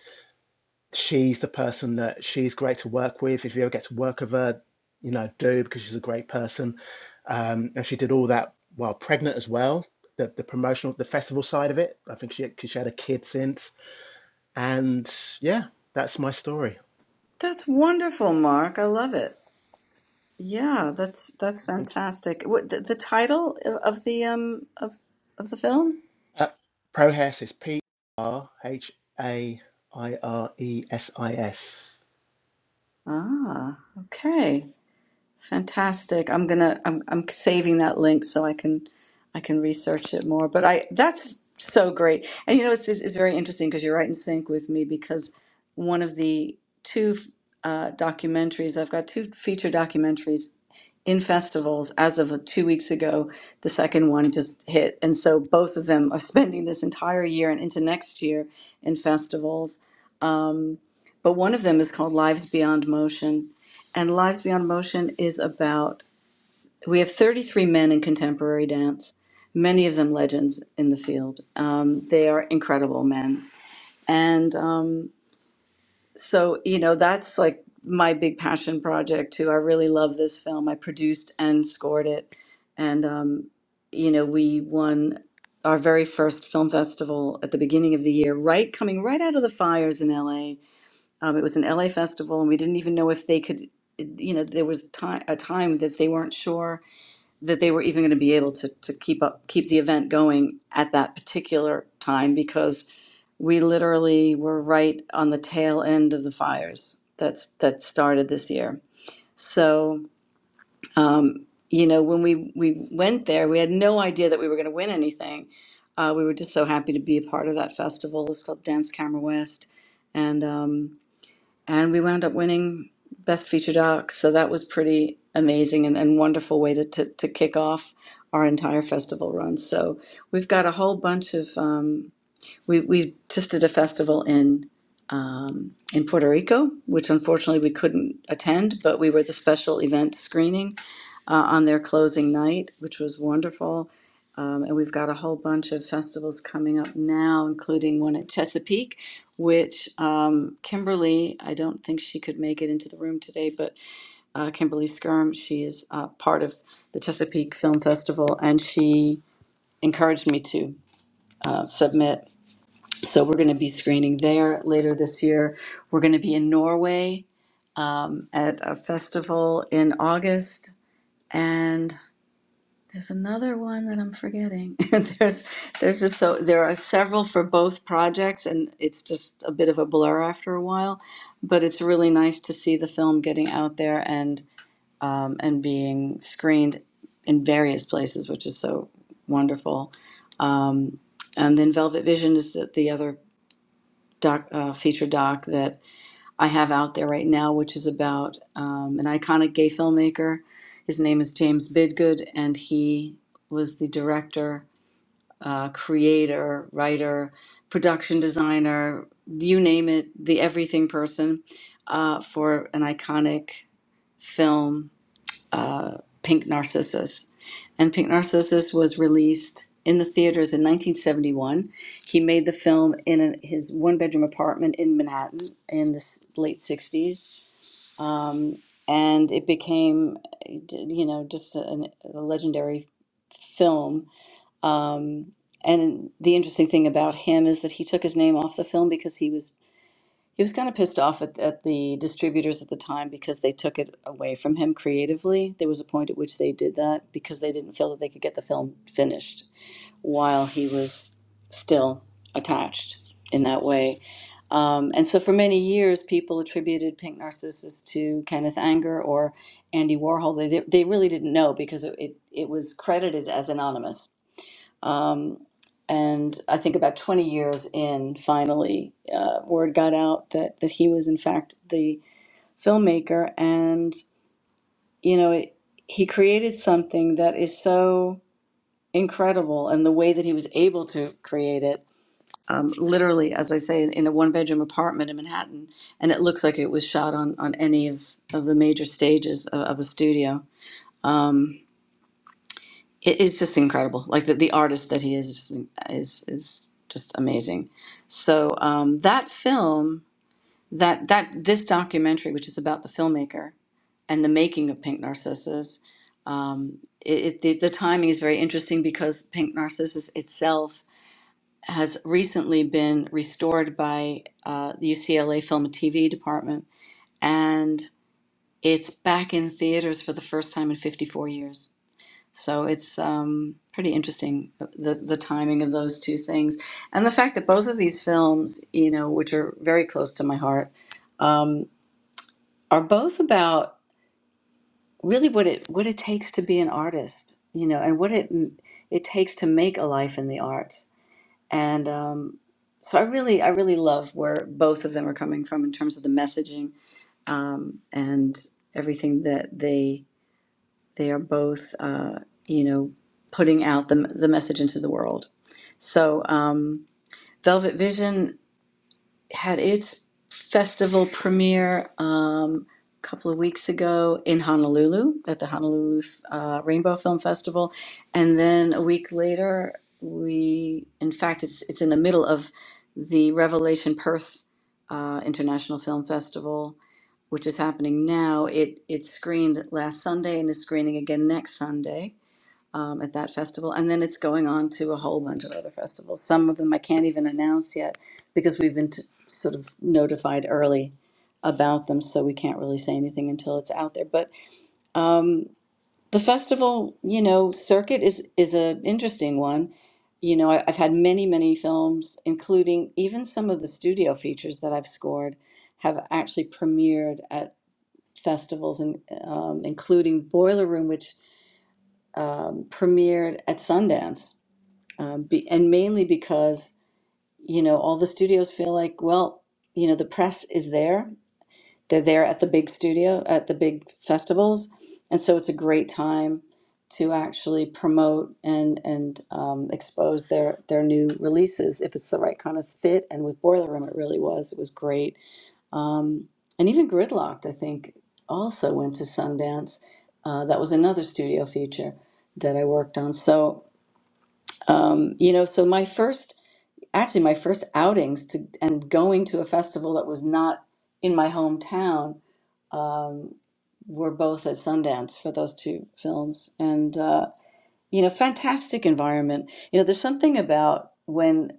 Speaker 10: she's the person that she's great to work with. If you ever get to work with her, you know, do because she's a great person. Um, and she did all that while pregnant as well. The, the promotional, the festival side of it. I think she, she had a kid since and yeah, that's my story.
Speaker 1: That's wonderful, Mark. I love it. Yeah, that's that's
Speaker 10: Thank you.
Speaker 1: fantastic. What the, the title of of the um of of the film?
Speaker 10: Uh, Prohasis, P R H A I R E S I S.
Speaker 1: Ah, okay. Fantastic. I'm gonna I'm I'm saving that link so I can I can research it more. But I that's so great. And you know it's it's, it's very interesting because you're right in sync with me because one of the two uh, documentaries I've got two feature documentaries in festivals as of uh, two weeks ago. The second one just hit, and so both of them are <laughs> spending this entire year and into next year in festivals. Um, but one of them is called Lives Beyond Motion and Lives Beyond Motion is about. We have 33 men in contemporary dance, many of them legends in the field. Um, they are incredible men, and um, so you know that's like my big passion project too. I really love this film. I produced and scored it, and um, you know we won our very first film festival at the beginning of the year, right coming right out of the fires in LA um, it was an LA festival, and we didn't even know if they could. You know, there was time, a time that they weren't sure that they were even going to be able to, to keep up, keep the event going at that particular time because we literally were right on the tail end of the fires that's that started this year. So, um, you know, when we we went there, we had no idea that we were going to win anything. Uh, we were just so happy to be a part of that festival. It's called Dance Camera West, and. Um, and we wound up winning best feature doc so that was pretty amazing and, and wonderful way to, to, to kick off our entire festival run so we've got a whole bunch of um, we we just did a festival in um, in Puerto Rico, which unfortunately we couldn't attend, but we were the special event screening uh, on their closing night, which was wonderful. Um, and we've got a whole bunch of festivals coming up now, including one at Chesapeake, which um, Kimberly, I don't think she could make it into the room today, but uh, Kimberly Skirm, she is uh, part of the Chesapeake Film Festival, and she encouraged me to uh, submit. So we're going to be screening there later this year. We're going to be in Norway um, at a festival in August, and there's another one that I'm forgetting. <laughs> there's there's just so there are several for both projects, and it's just a bit of a blur after a while. But it's really nice to see the film getting out there and um, and being screened in various places, which is so wonderful. Um, and then Velvet Vision is the, the other doc, uh, feature doc that I have out there right now, which is about um, an iconic gay filmmaker. His name is James Bidgood, and he was the director, uh, creator, writer, production designer you name it, the everything person uh, for an iconic film uh, Pink Narcissus. And Pink Narcissus was released in the theaters in 1971. He made the film in an- his one bedroom apartment in Manhattan in the s- late 60s. Um, and it became, you know, just a, a legendary film. Um, and the interesting thing about him is that he took his name off the film because he was he was kind of pissed off at, at the distributors at the time because they took it away from him creatively. There was a point at which they did that because they didn't feel that they could get the film finished while he was still attached in that way. Um, and so for many years, people attributed Pink Narcissus to Kenneth Anger or Andy Warhol. They, they really didn't know because it, it, it was credited as anonymous um, and I think about 20 years in, finally, uh, word got out that, that he was, in fact, the filmmaker. And, you know, it, he created something that is so incredible. And the way that he was able to create it, um, literally, as I say, in in a one bedroom apartment in Manhattan. And it looks like it was shot on, on any of, of the major stages of, of a studio. Um, it is just incredible. Like the, the artist that he is is just, is is just amazing. So um, that film, that that this documentary, which is about the filmmaker and the making of Pink Narcissus, um, it, it, the, the timing is very interesting because Pink Narcissus itself has recently been restored by uh, the UCLA Film and TV department, and it's back in theaters for the first time in 54 years so it's um, pretty interesting uh, the the timing of those two things, and the fact that both of these films, you know, which are very close to my heart, um, are both about really what it what it takes to be an artist, you know, and what it it takes to make a life in the arts. And um, so I really I really love where both of them are coming from in terms of the messaging um, and everything that they They are both, uh, you know, putting out the, the message into the world. So, um, Velvet Vision had its festival premiere um, a couple of weeks ago in Honolulu at the Honolulu uh, Rainbow Film Festival, and then a week later, we in fact it's it's in the middle of the Revelation Perth uh, International Film Festival, which is happening now. It it screened last Sunday and is screening again next Sunday um, at that festival. And then it's going on to a whole bunch of other festivals. Some of them I can't even announce yet because we've been t- sort of notified early about them. So we can't really say anything until it's out there. But um, the festival, you know, circuit is, is an interesting one. You know, I, I've had many, many films, including even some of the studio features that I've scored, have actually premiered at festivals, and um, including Boiler Room, which um, premiered at Sundance um, be, and mainly because you know all the studios feel like well you know the press is there they're there at the big studio at the big festivals and so it's a great time to actually promote and and um, expose their their new releases if it's the right kind of fit and with boiler room it really was it was great um, and even gridlocked i think also went to sundance uh, that was another studio feature that i worked on so um, you know so my first actually my first outings to and going to a festival that was not in my hometown um, were both at Sundance for those two films, and uh, you know, fantastic environment. You know, there's something about when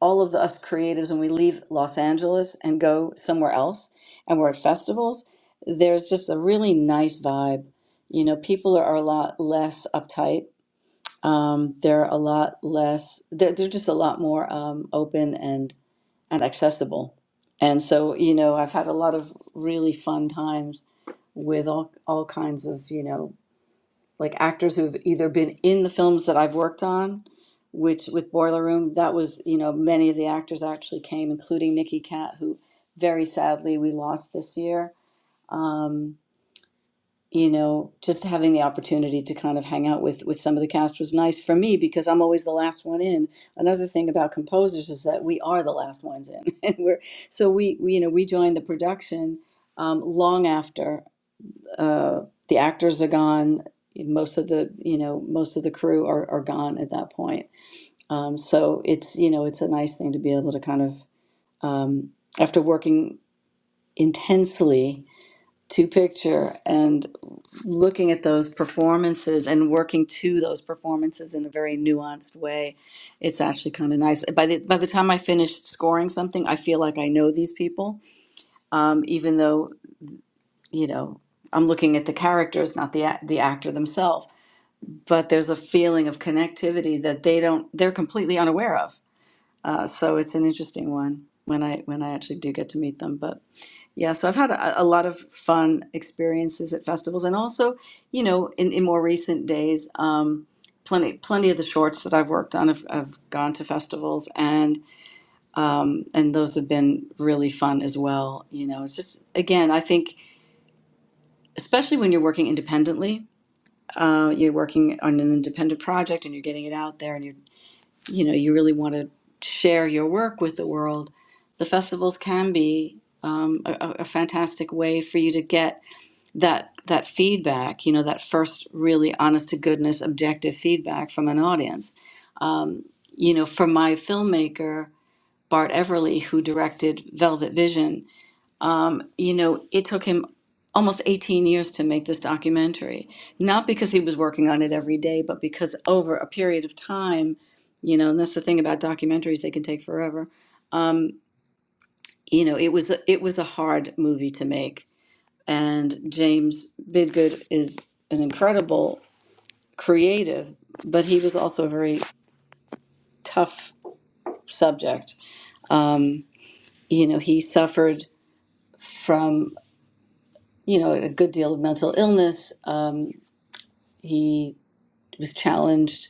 Speaker 1: all of the, us creatives when we leave Los Angeles and go somewhere else, and we're at festivals. There's just a really nice vibe. You know, people are, are a lot less uptight. Um, they're a lot less. They're, they're just a lot more um, open and and accessible. And so, you know, I've had a lot of really fun times with all all kinds of, you know, like actors who've either been in the films that I've worked on, which with Boiler Room, that was, you know, many of the actors actually came, including Nikki Cat, who very sadly we lost this year. Um, you know just having the opportunity to kind of hang out with with some of the cast was nice for me because i'm always the last one in another thing about composers is that we are the last ones in <laughs> and we're so we, we you know we joined the production um, long after uh, the actors are gone most of the you know most of the crew are, are gone at that point um, so it's you know it's a nice thing to be able to kind of um, after working intensely to picture and looking at those performances and working to those performances in a very nuanced way it's actually kind of nice by the by the time i finish scoring something i feel like i know these people um, even though you know i'm looking at the characters not the ac- the actor themselves but there's a feeling of connectivity that they don't they're completely unaware of uh, so it's an interesting one when I when I actually do get to meet them. But yeah, so I've had a, a lot of fun experiences at festivals, and also, you know, in, in more recent days, um, plenty plenty of the shorts that I've worked on have, have gone to festivals, and um, and those have been really fun as well. You know, it's just again, I think especially when you're working independently, uh, you're working on an independent project and you're getting it out there, and you're you know you really want to share your work with the world, the festivals can be um, a, a a fantastic way for you to get that that feedback. You know that first really honest to goodness objective feedback from an audience. You know, for my filmmaker Bart Everly, who directed Velvet Vision, you know it took him almost 18 years to make this documentary not because he was working on it every day but because over a period of time you know and that's the thing about documentaries they can take forever you know it was a, it was a hard movie to make and James Bidgood is an incredible creative but he was also a very tough subject you know he suffered from you know a good deal of mental illness um, he was challenged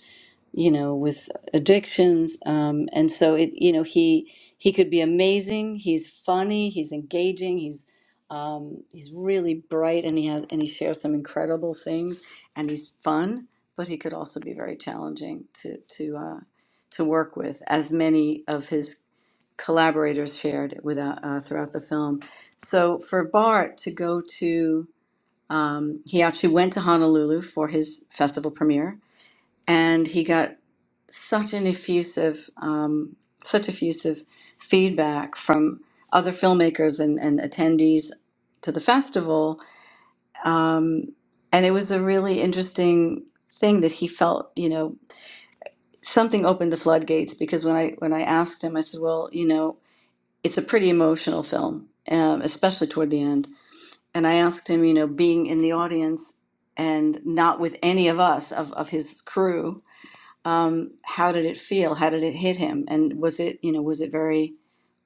Speaker 1: you know with addictions um, and so it you know he he could be amazing he's funny he's engaging he's um, he's really bright and he has and he shares some incredible things and he's fun but he could also be very challenging to to uh, to work with as many of his collaborators shared with, uh, uh, throughout the film so for bart to go to um, he actually went to honolulu for his festival premiere and he got such an effusive, um, such effusive feedback from other filmmakers and, and attendees to the festival. Um, and it was a really interesting thing that he felt, you know, something opened the floodgates because when I when I asked him, I said, well, you know, it's a pretty emotional film, um, especially toward the end. And I asked him, you know, being in the audience and not with any of us of, of his crew um, how did it feel? How did it hit him? And was it, you know, was it very,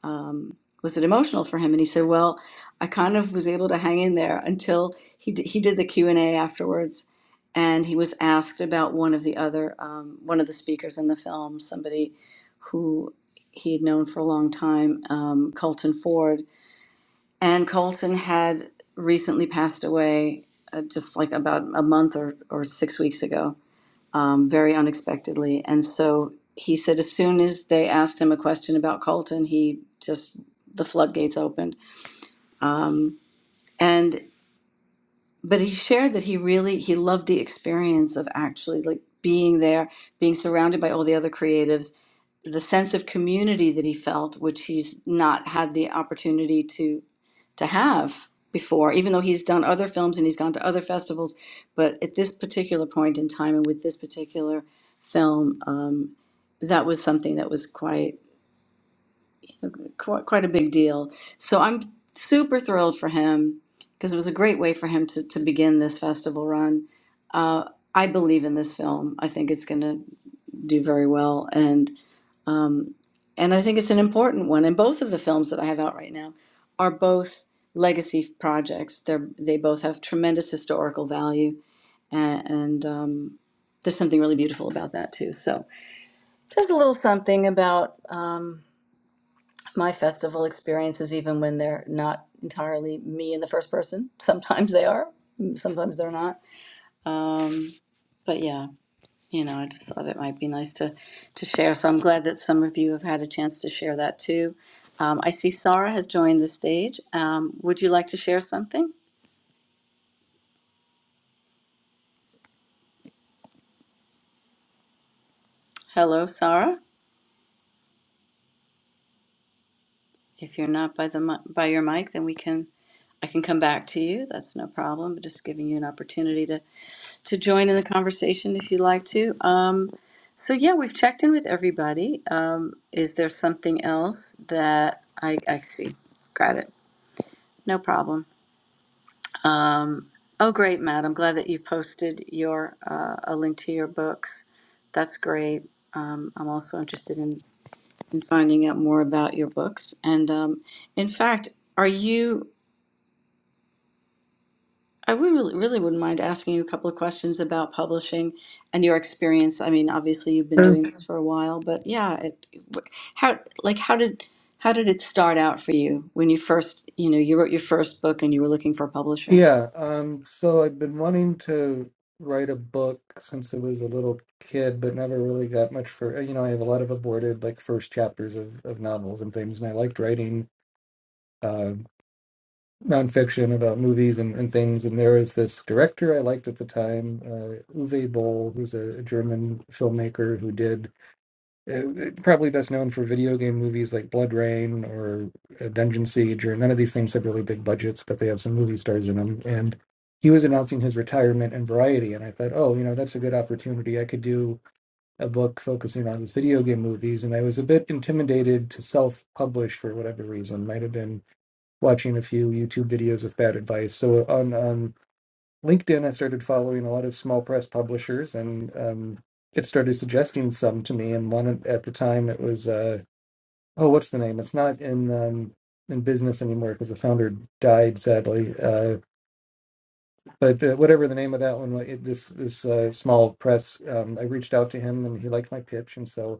Speaker 1: um, was it emotional for him? And he said, well, I kind of was able to hang in there until he d- he did the Q and A afterwards, and he was asked about one of the other um, one of the speakers in the film, somebody who he had known for a long time, um, Colton Ford, and Colton had recently passed away, uh, just like about a month or or six weeks ago um, very unexpectedly. And so he said, as soon as they asked him a question about Colton, he just the floodgates opened. And but he shared that he really he loved the experience of actually like being there, being surrounded by all the other creatives, the sense of community that he felt, which he's not had the opportunity to to have before, even though he's done other films and he's gone to other festivals. But at this particular point in time and with this particular film, um, that was something that was quite, quite quite a big deal. So I'm super thrilled for him because it was a great way for him to, to begin this festival run. Uh, I believe in this film. I think it's going to do very well, and. Um, and I think it's an important one. And both of the films that I have out right now are both legacy projects. They're they both have tremendous historical value, and, and um, there's something really beautiful about that too. So just a little something about um, my festival experiences, even when they're not entirely me in the first person. <laughs> Sometimes they are, sometimes they're not. Um, but yeah you know, I just thought it might be nice to, to share. So I'm glad that some of you have had a chance to share that too. Um, I see Sarah has joined the stage. Um, would you like to share something? Hello, Sarah. If you're not by the mi- by your mic, then we can I can come back to you. That's no problem. But just giving you an opportunity to to join in the conversation if you like to. Um, so yeah, we've checked in with everybody. Um, is there something else that I I see? Got it. No problem. Um, oh, great, Matt. I'm glad that you've posted your uh, a link to your books. That's great. Um, I'm also interested in, in finding out more about your books. And um, in fact, are you? I would really, really wouldn't mind asking you a couple of questions about publishing and your experience. I mean, obviously, you've been doing this for a while, but yeah, it, how like how did how did it start out for you when you first you know you wrote your first book and you were looking for a publisher?
Speaker 6: Yeah, um, so I've been wanting to write a book since I was a little kid, but never really got much for, you know, I have a lot of aborted like first chapters of, of novels and things, and I liked writing uh, nonfiction about movies and, and things. And there was this director I liked at the time, uh, Uwe Boll, who's a, a German filmmaker who did uh, probably best known for video game movies like Blood Rain or uh, Dungeon Siege, or none of these things have really big budgets, but they have some movie stars in them. And he was announcing his retirement in Variety, and I thought, oh, you know, that's a good opportunity. I could do a book focusing on his video game movies, and I was a bit intimidated to self-publish for whatever reason. Might have been watching a few YouTube videos with bad advice. So on um, LinkedIn, I started following a lot of small press publishers, and um, it started suggesting some to me. And one at the time, it was uh, oh, what's the name? It's not in um, in business anymore because the founder died sadly. Uh, but uh, whatever the name of that one, wa- it, this this uh, small press, um, I reached out to him, and he liked my pitch, and so.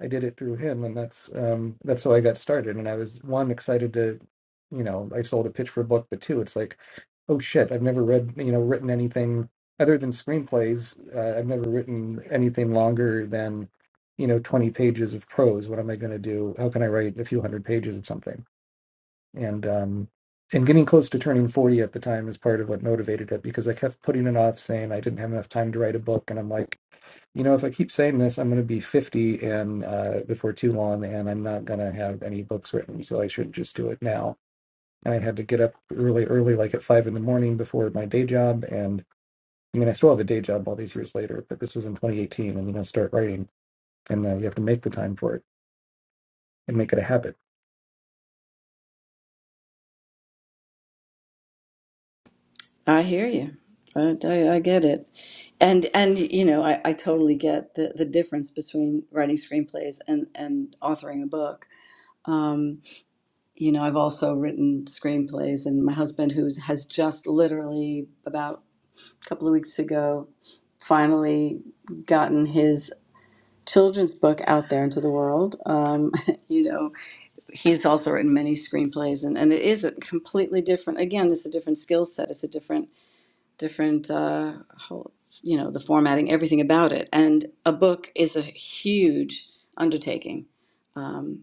Speaker 6: I did it through him, and that's um that's how I got started. And I was one excited to, you know, I sold a pitch for a book, but two, it's like, oh shit, I've never read, you know, written anything other than screenplays. Uh, I've never written anything longer than, you know, twenty pages of prose. What am I going to do? How can I write a few hundred pages of something? And um and getting close to turning 40 at the time is part of what motivated it because I kept putting it off saying I didn't have enough time to write a book and I'm like you know, if I keep saying this, I'm going to be 50 and uh, before too long, and I'm not going to have any books written, so I should just do it now. And I had to get up really early, like at five in the morning before my day job. And I mean, I still have a day job all these years later, but this was in 2018, and you know, start writing, and uh, you have to make the time for it and make it a habit.
Speaker 1: I hear you. I, I, I get it. And and you know, I, I totally get the, the difference between writing screenplays and, and authoring a book. Um, you know, I've also written screenplays and my husband who has just literally about a couple of weeks ago finally gotten his children's book out there into the world. Um, <laughs> you know, he's also written many screenplays and, and it is a completely different again, it's a different skill set, it's a different different uh whole, you know the formatting everything about it and a book is a huge undertaking um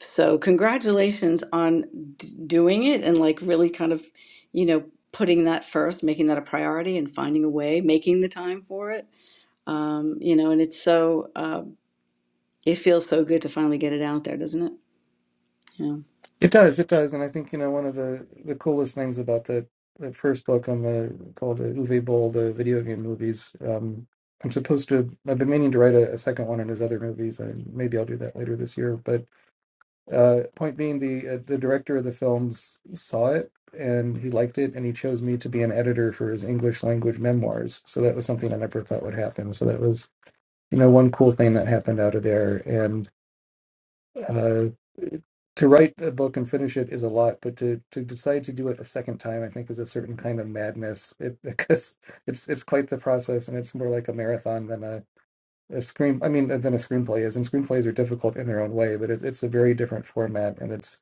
Speaker 1: so congratulations on d- doing it and like really kind of you know putting that first making that a priority and finding a way making the time for it um you know and it's so uh, it feels so good to finally get it out there doesn't it you know?
Speaker 6: It does, it does, and I think you know one of the the coolest things about that that first book on the called uh, Uwe Boll, the video game movies. Um, I'm supposed to. I've been meaning to write a, a second one on his other movies. I, maybe I'll do that later this year. But uh, point being, the uh, the director of the films saw it and he liked it, and he chose me to be an editor for his English language memoirs. So that was something I never thought would happen. So that was you know one cool thing that happened out of there, and. uh, to write a book and finish it is a lot, but to to decide to do it a second time, I think, is a certain kind of madness. It <laughs> because it's it's quite the process, and it's more like a marathon than a a screen. I mean, than a screenplay is. And screenplays are difficult in their own way, but it, it's a very different format, and it's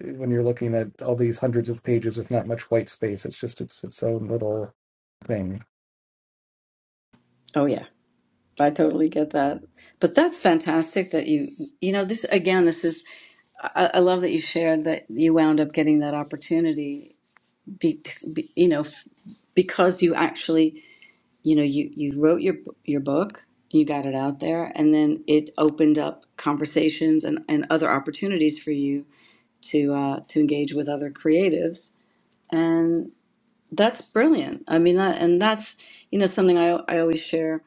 Speaker 6: when you're looking at all these hundreds of pages with not much white space, it's just its its own little thing.
Speaker 1: oh yeah I totally get that. But that's fantastic that you, you know, this again, this is, I, I love that you shared that you wound up getting that opportunity, be, be, you know, f- because you actually, you know, you, you wrote your, your book, you got it out there, and then it opened up conversations and, and other opportunities for you to, uh, to engage with other creatives. That's brilliant. I mean that and that's you know something I I always share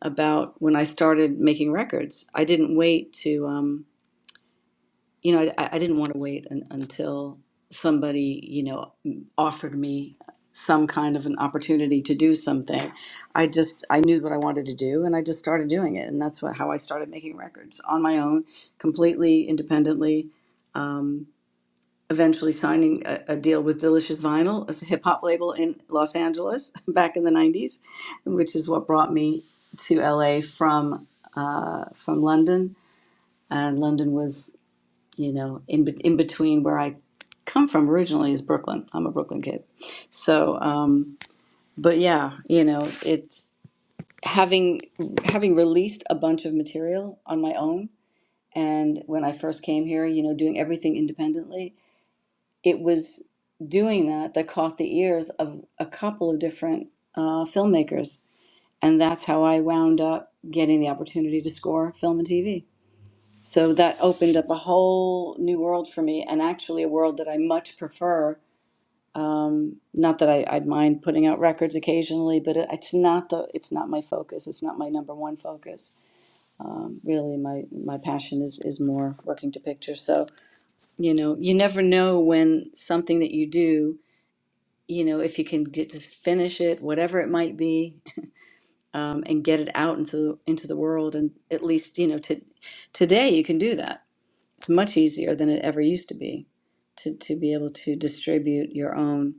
Speaker 1: about when I started making records. I didn't wait to um you know I I didn't want to wait un, until somebody, you know, offered me some kind of an opportunity to do something. I just I knew what I wanted to do and I just started doing it and that's what how I started making records on my own, completely independently. um, eventually signing a, a deal with Delicious Vinyl, a hip hop label in Los Angeles <laughs> back in the 90s, which is what brought me to LA from uh, from London. And London was, you know, in, be- in between where I come from originally is Brooklyn. I'm a Brooklyn kid. So, um, but yeah, you know, it's having having released a bunch of material on my own and when I first came here, you know, doing everything independently it was doing that that caught the ears of a couple of different uh, filmmakers. And that's how I wound up getting the opportunity to score film and TV. So that opened up a whole new world for me, and actually a world that I much prefer. Um, not that I, I'd mind putting out records occasionally, but it, it's not the it's not my focus. It's not my number one focus. Um, really, my my passion is is more working to picture. So you know, you never know when something that you do you know, if you can get, just finish it, whatever it might be, um, and get it out into into the world, and at least you know to today you can do that. It's much easier than it ever used to be to, to be able to distribute your own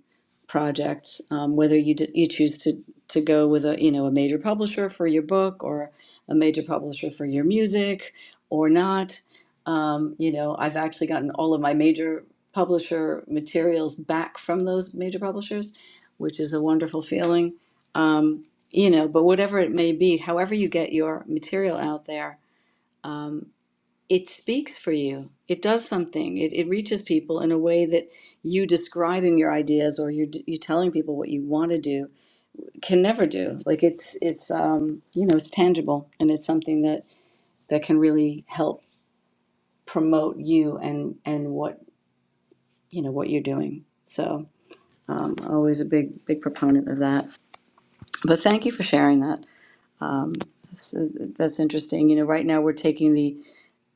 Speaker 1: projects, um, whether you, d- you choose to, to go with a, you know, a major publisher for your book or a major publisher for your music or not. Um, you know, I've actually gotten all of my major publisher materials back from those major publishers, which is a wonderful feeling. Um, you know, but whatever it may be, however you get your material out there, um, it speaks for you. It does something. It, it reaches people in a way that you describing your ideas or you you telling people what you want to do can never do. Like it's it's um you know it's tangible and it's something that that can really help promote you and and what you know what you're doing. So um, always a big big proponent of that. But thank you for sharing that. Um, that's, that's interesting. You know, right now we're taking the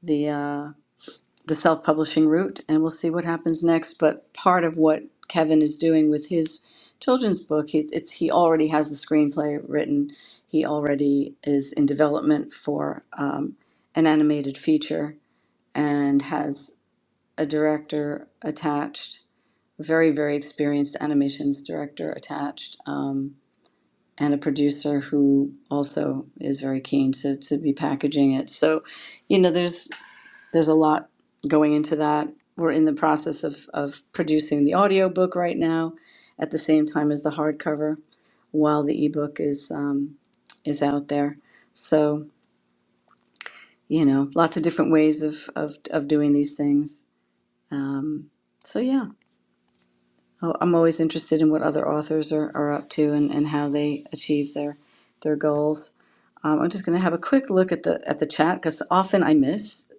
Speaker 1: the. Uh, the self-publishing route and we'll see what happens next but part of what kevin is doing with his children's book he, it's, he already has the screenplay written he already is in development for um, an animated feature and has a director attached a very very experienced animations director attached um, and a producer who also is very keen to, to be packaging it so you know there's there's a lot going into that. We're in the process of, of producing the audiobook right now at the same time as the hardcover while the ebook is um, is out there. So, you know, lots of different ways of, of, of doing these things. Um, so, yeah, I- I'm always interested in what other authors are, are up to and, and how they achieve their their goals. Um, I'm just going to have a quick look at the at the chat because often I miss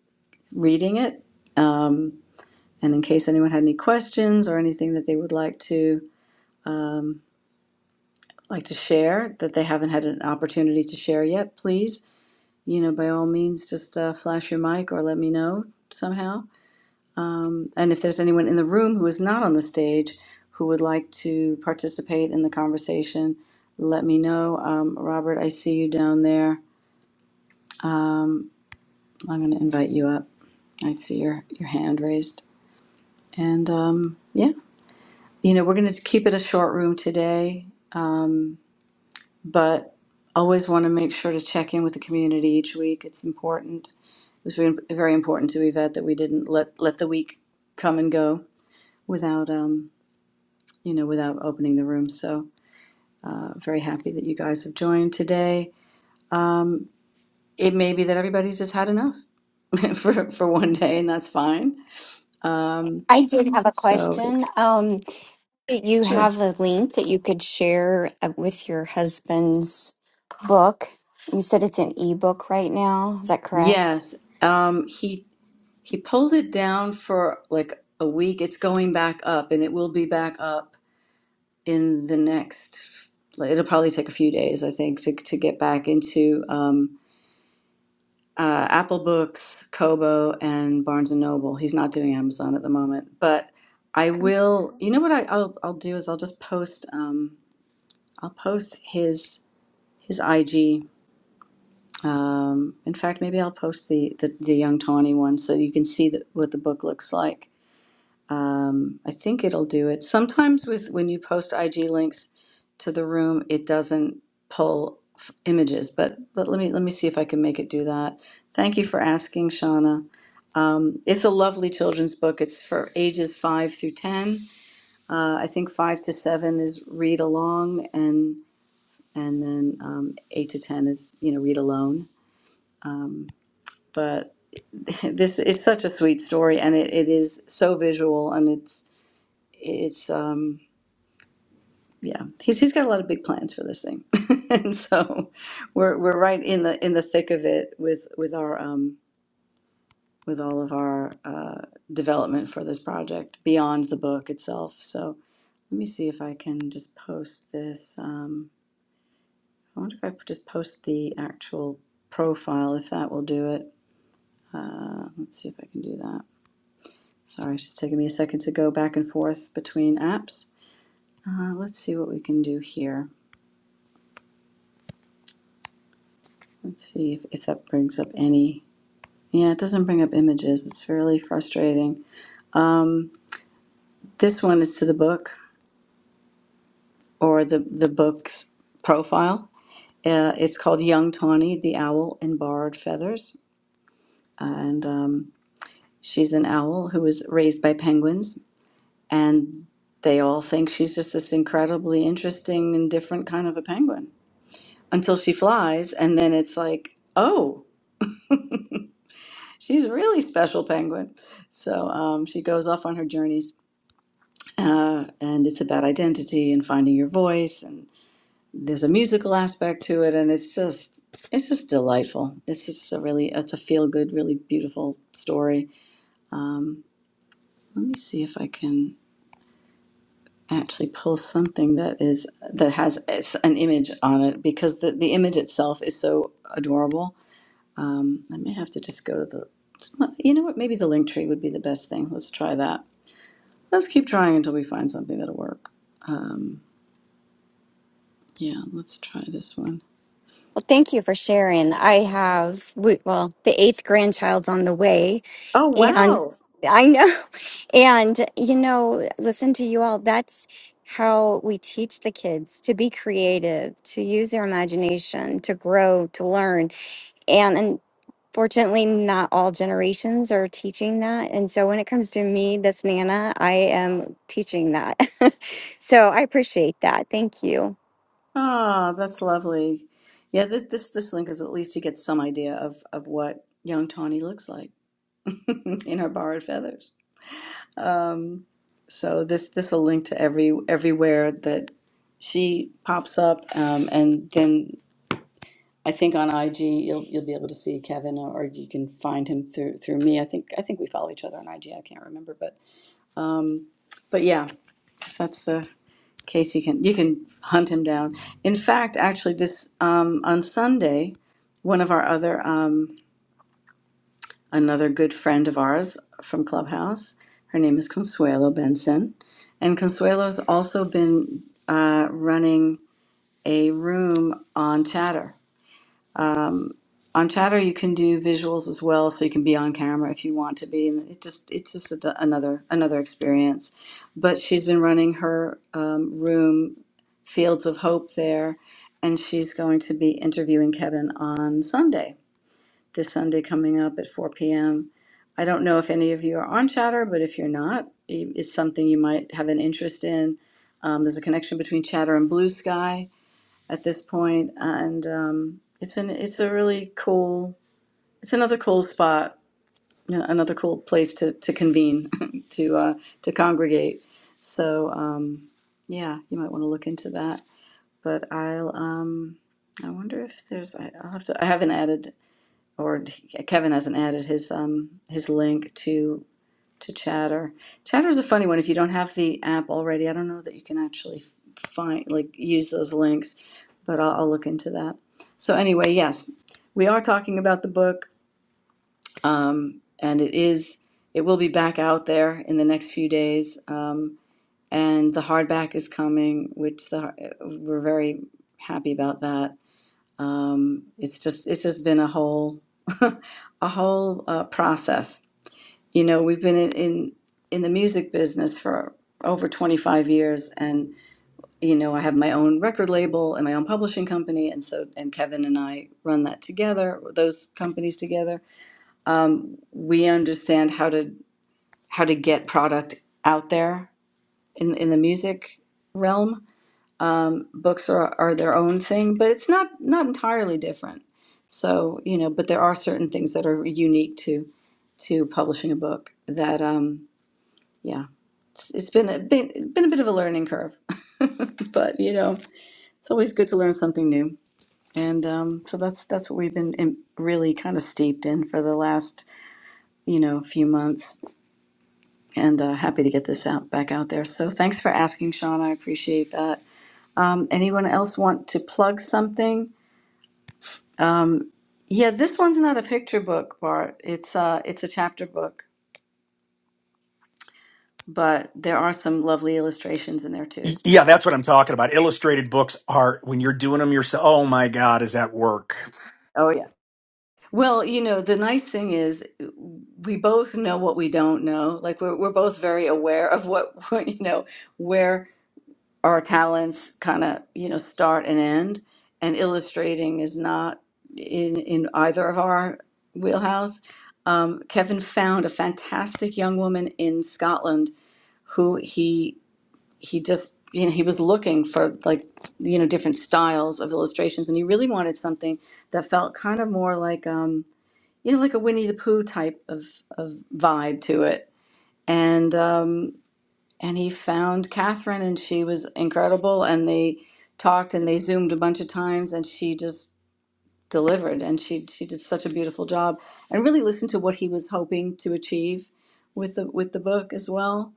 Speaker 1: reading it. Um, And in case anyone had any questions or anything that they would like to um, like to share that they haven't had an opportunity to share yet, please, you know, by all means, just uh, flash your mic or let me know somehow. Um, and if there's anyone in the room who is not on the stage who would like to participate in the conversation, let me know. Um, Robert, I see you down there. I'm going to invite you up. I see your your hand raised. And um, yeah, you know, we're going to keep it a short room today Um, but always want to make sure to check in with the community each week. It's important. It was very very important to Yvette that we didn't let let the week come and go without um you know without opening the room. So uh, very happy that you guys have joined today. Um, it may be that everybody's just had enough <laughs> for for one day, and that's fine. Um,
Speaker 5: I did have a
Speaker 1: so
Speaker 5: question. Um, you
Speaker 1: sure.
Speaker 5: have a link that you could share uh, with your husband's book. You said it's an ebook right now. Is that correct?
Speaker 1: Yes. Um, he he pulled it down for like a week. It's going back up, and it will be back up in the next like, it'll probably take a few days i think to, to get back into um, uh, apple books kobo and barnes and noble he's not doing amazon at the moment but i will you know what I, I'll, I'll do is i'll just post um, i'll post his his ig um, in fact maybe i'll post the, the the young tawny one so you can see that, what the book looks like Um, I think it'll do it. Sometimes with when you post IG links to the room, it doesn't pull f- images, but but let me let me see if I can make it do that. Thank you for asking, Shauna. Um, it's a lovely children's book. It's for ages five through ten. Uh, I think five to seven is read along, and and then um, eight to ten is you know read alone. Um, but <laughs> this is such a sweet story, and it, it is so visual, and it's it's um yeah he's he's got a lot of big plans for this thing <laughs> and so we're we're right in the in the thick of it with with our um with all of our uh development for this project beyond the book itself so let me see if i can just post this um i wonder if i could just post the actual profile if that will do it uh let's see if i can do that sorry it's just taking me a second to go back and forth between apps uh, let's see what we can do here Let's see if, if that brings up any. Yeah, it doesn't bring up images. It's fairly frustrating. This one is to the book or the, the book's profile. Uh, it's called Young Tawny, the Owl in Borrowed Feathers. And um, she's an owl who was raised by penguins. And they all think she's just this incredibly interesting and different kind of a penguin until she flies. And then it's like, oh, she's a really special penguin. So um, she goes off on her journeys uh, and it's about identity and finding your voice and there's a musical aspect to it and it's just it's just delightful it's just a really it's a feel good really beautiful story let me see if i can actually pull something that is that has s- an image on it because the, the image itself is so adorable um, i may have to just go to the it's not- you know what maybe the link tree would be the best thing let's try that let's keep trying until we find something that'll work um, yeah let's try this one
Speaker 5: Well, thank you for sharing. I have, we- well, the eighth grandchild's on the way.
Speaker 1: Oh
Speaker 5: And
Speaker 1: wow!
Speaker 5: I know. <laughs> And, you know, listen to you all. That's how we teach the kids to be creative, to use their imagination, to grow, to learn. And, unfortunately, not all generations are teaching that. And so when it comes to me, this Nana, I am teaching that. <laughs> so I appreciate that. Thank you.
Speaker 1: Ah, that's lovely. Yeah, this, this this link is at least you get some idea of of what young Tawny looks like <laughs> in her borrowed feathers. Um, so this this will link to every everywhere that she pops up, um, and then I think on IG you'll you'll be able to see Kevin, or, or you can find him through through me. I think I think we follow each other on IG. I can't remember, but um, but yeah, that's the case you can you can hunt him down. In fact, actually, this um, on Sunday, one of our other um, another good friend of ours from Clubhouse, her name is Consuelo Benson, and Consuelo's also been uh, running a room on Chatter. on chatter you can do visuals as well so you can be on camera if you want to be and it just it's just a, another another experience but she's been running her um, room fields of hope there and she's going to be interviewing kevin on sunday this sunday coming up at 4 p.m i don't know if any of you are on chatter but if you're not i- it's something you might have an interest in um, there's a connection between chatter and blue sky at this point and um, it's an it's a really cool it's another cool spot, you know, another cool place to, to convene, <laughs> to uh, to congregate. So um, yeah, you might want to look into that. But I'll um, I wonder if there's I, I'll have to I haven't added or Kevin hasn't added his um, his link to to Chatter. Chatter is a funny one if you don't have the app already. I don't know that you can actually f- find like use those links, but I'll, I'll look into that. So anyway, yes, we are talking about the book um, and it is it will be back out there in the next few days um, and the hardback is coming which the, we're very happy about that um, it's just it's just been a whole <laughs> a whole uh, process you know we've been in, in in the music business for over 25 years and you know i have my own record label and my own publishing company and so and kevin and i run that together those companies together um, we understand how to how to get product out there in in the music realm. Um, books are, are their own thing, but it's not not entirely different. So you know, but there are certain things that are unique to to publishing a book that um, yeah, it's, it's been a been, been a bit of a learning curve, <laughs> but you know, it's always good to learn something new. And um, so that's that's what we've been in, really kind of steeped in for the last you know few months and uh, happy to get this out back out there. So thanks for asking, Sean. I appreciate that. Um, anyone else want to plug something? Um, yeah, this one's not a picture book, Bart. It's uh, it's a chapter book, but there are some lovely illustrations in there
Speaker 11: Y-
Speaker 1: too.
Speaker 11: Yeah, that's what I'm talking about. Illustrated books are when you're doing them yourself. Oh my God, is that work?
Speaker 1: Oh yeah. Well, you know, the nice thing is we both know what we don't know. Like we're we're both very aware of what <laughs> you know where our talents kind of you know start and end and illustrating is not in in either of our wheelhouse um, kevin found a fantastic young woman in scotland who he he just you know he was looking for like you know different styles of illustrations and he really wanted something that felt kind of more like um you know like a winnie the pooh type of of vibe to it and um and he found Catherine, and she was incredible. And they talked and they zoomed a bunch of times, and she just delivered, and she she did such a beautiful job, and really listened to what he was hoping to achieve with the with the book as well.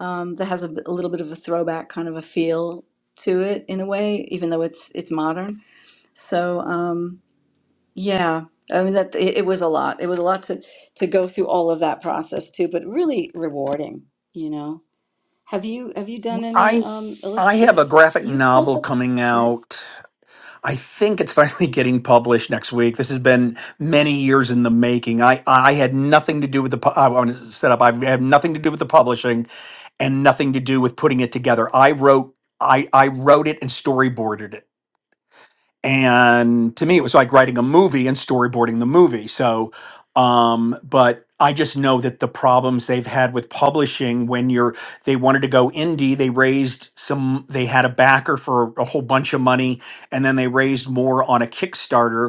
Speaker 1: Um, that has a, b- a little bit of a throwback kind of a feel to it in a way, even though it's it's modern. So um, yeah. I mean that it, it was a lot. It was a lot to to go through all of that process too, but really rewarding, you know. Have you have you done any
Speaker 11: I
Speaker 1: um
Speaker 11: I
Speaker 1: illust
Speaker 11: have
Speaker 1: you,
Speaker 11: a graphic
Speaker 1: you've
Speaker 11: novel
Speaker 1: also
Speaker 11: coming
Speaker 1: published, right?
Speaker 11: out. I think it's finally <laughs> getting published next week. This has been many years in the making. I I had nothing to do with the pu- I want to set up. I have nothing to do with the publishing and nothing to do with putting it together. I wrote I I wrote it and storyboarded it. and to me it was like writing a movie and storyboarding the movie so um but i just know that the problems they've had with publishing when you're they wanted to go indie they raised some they had a backer for a whole bunch of money and then they raised more on a kickstarter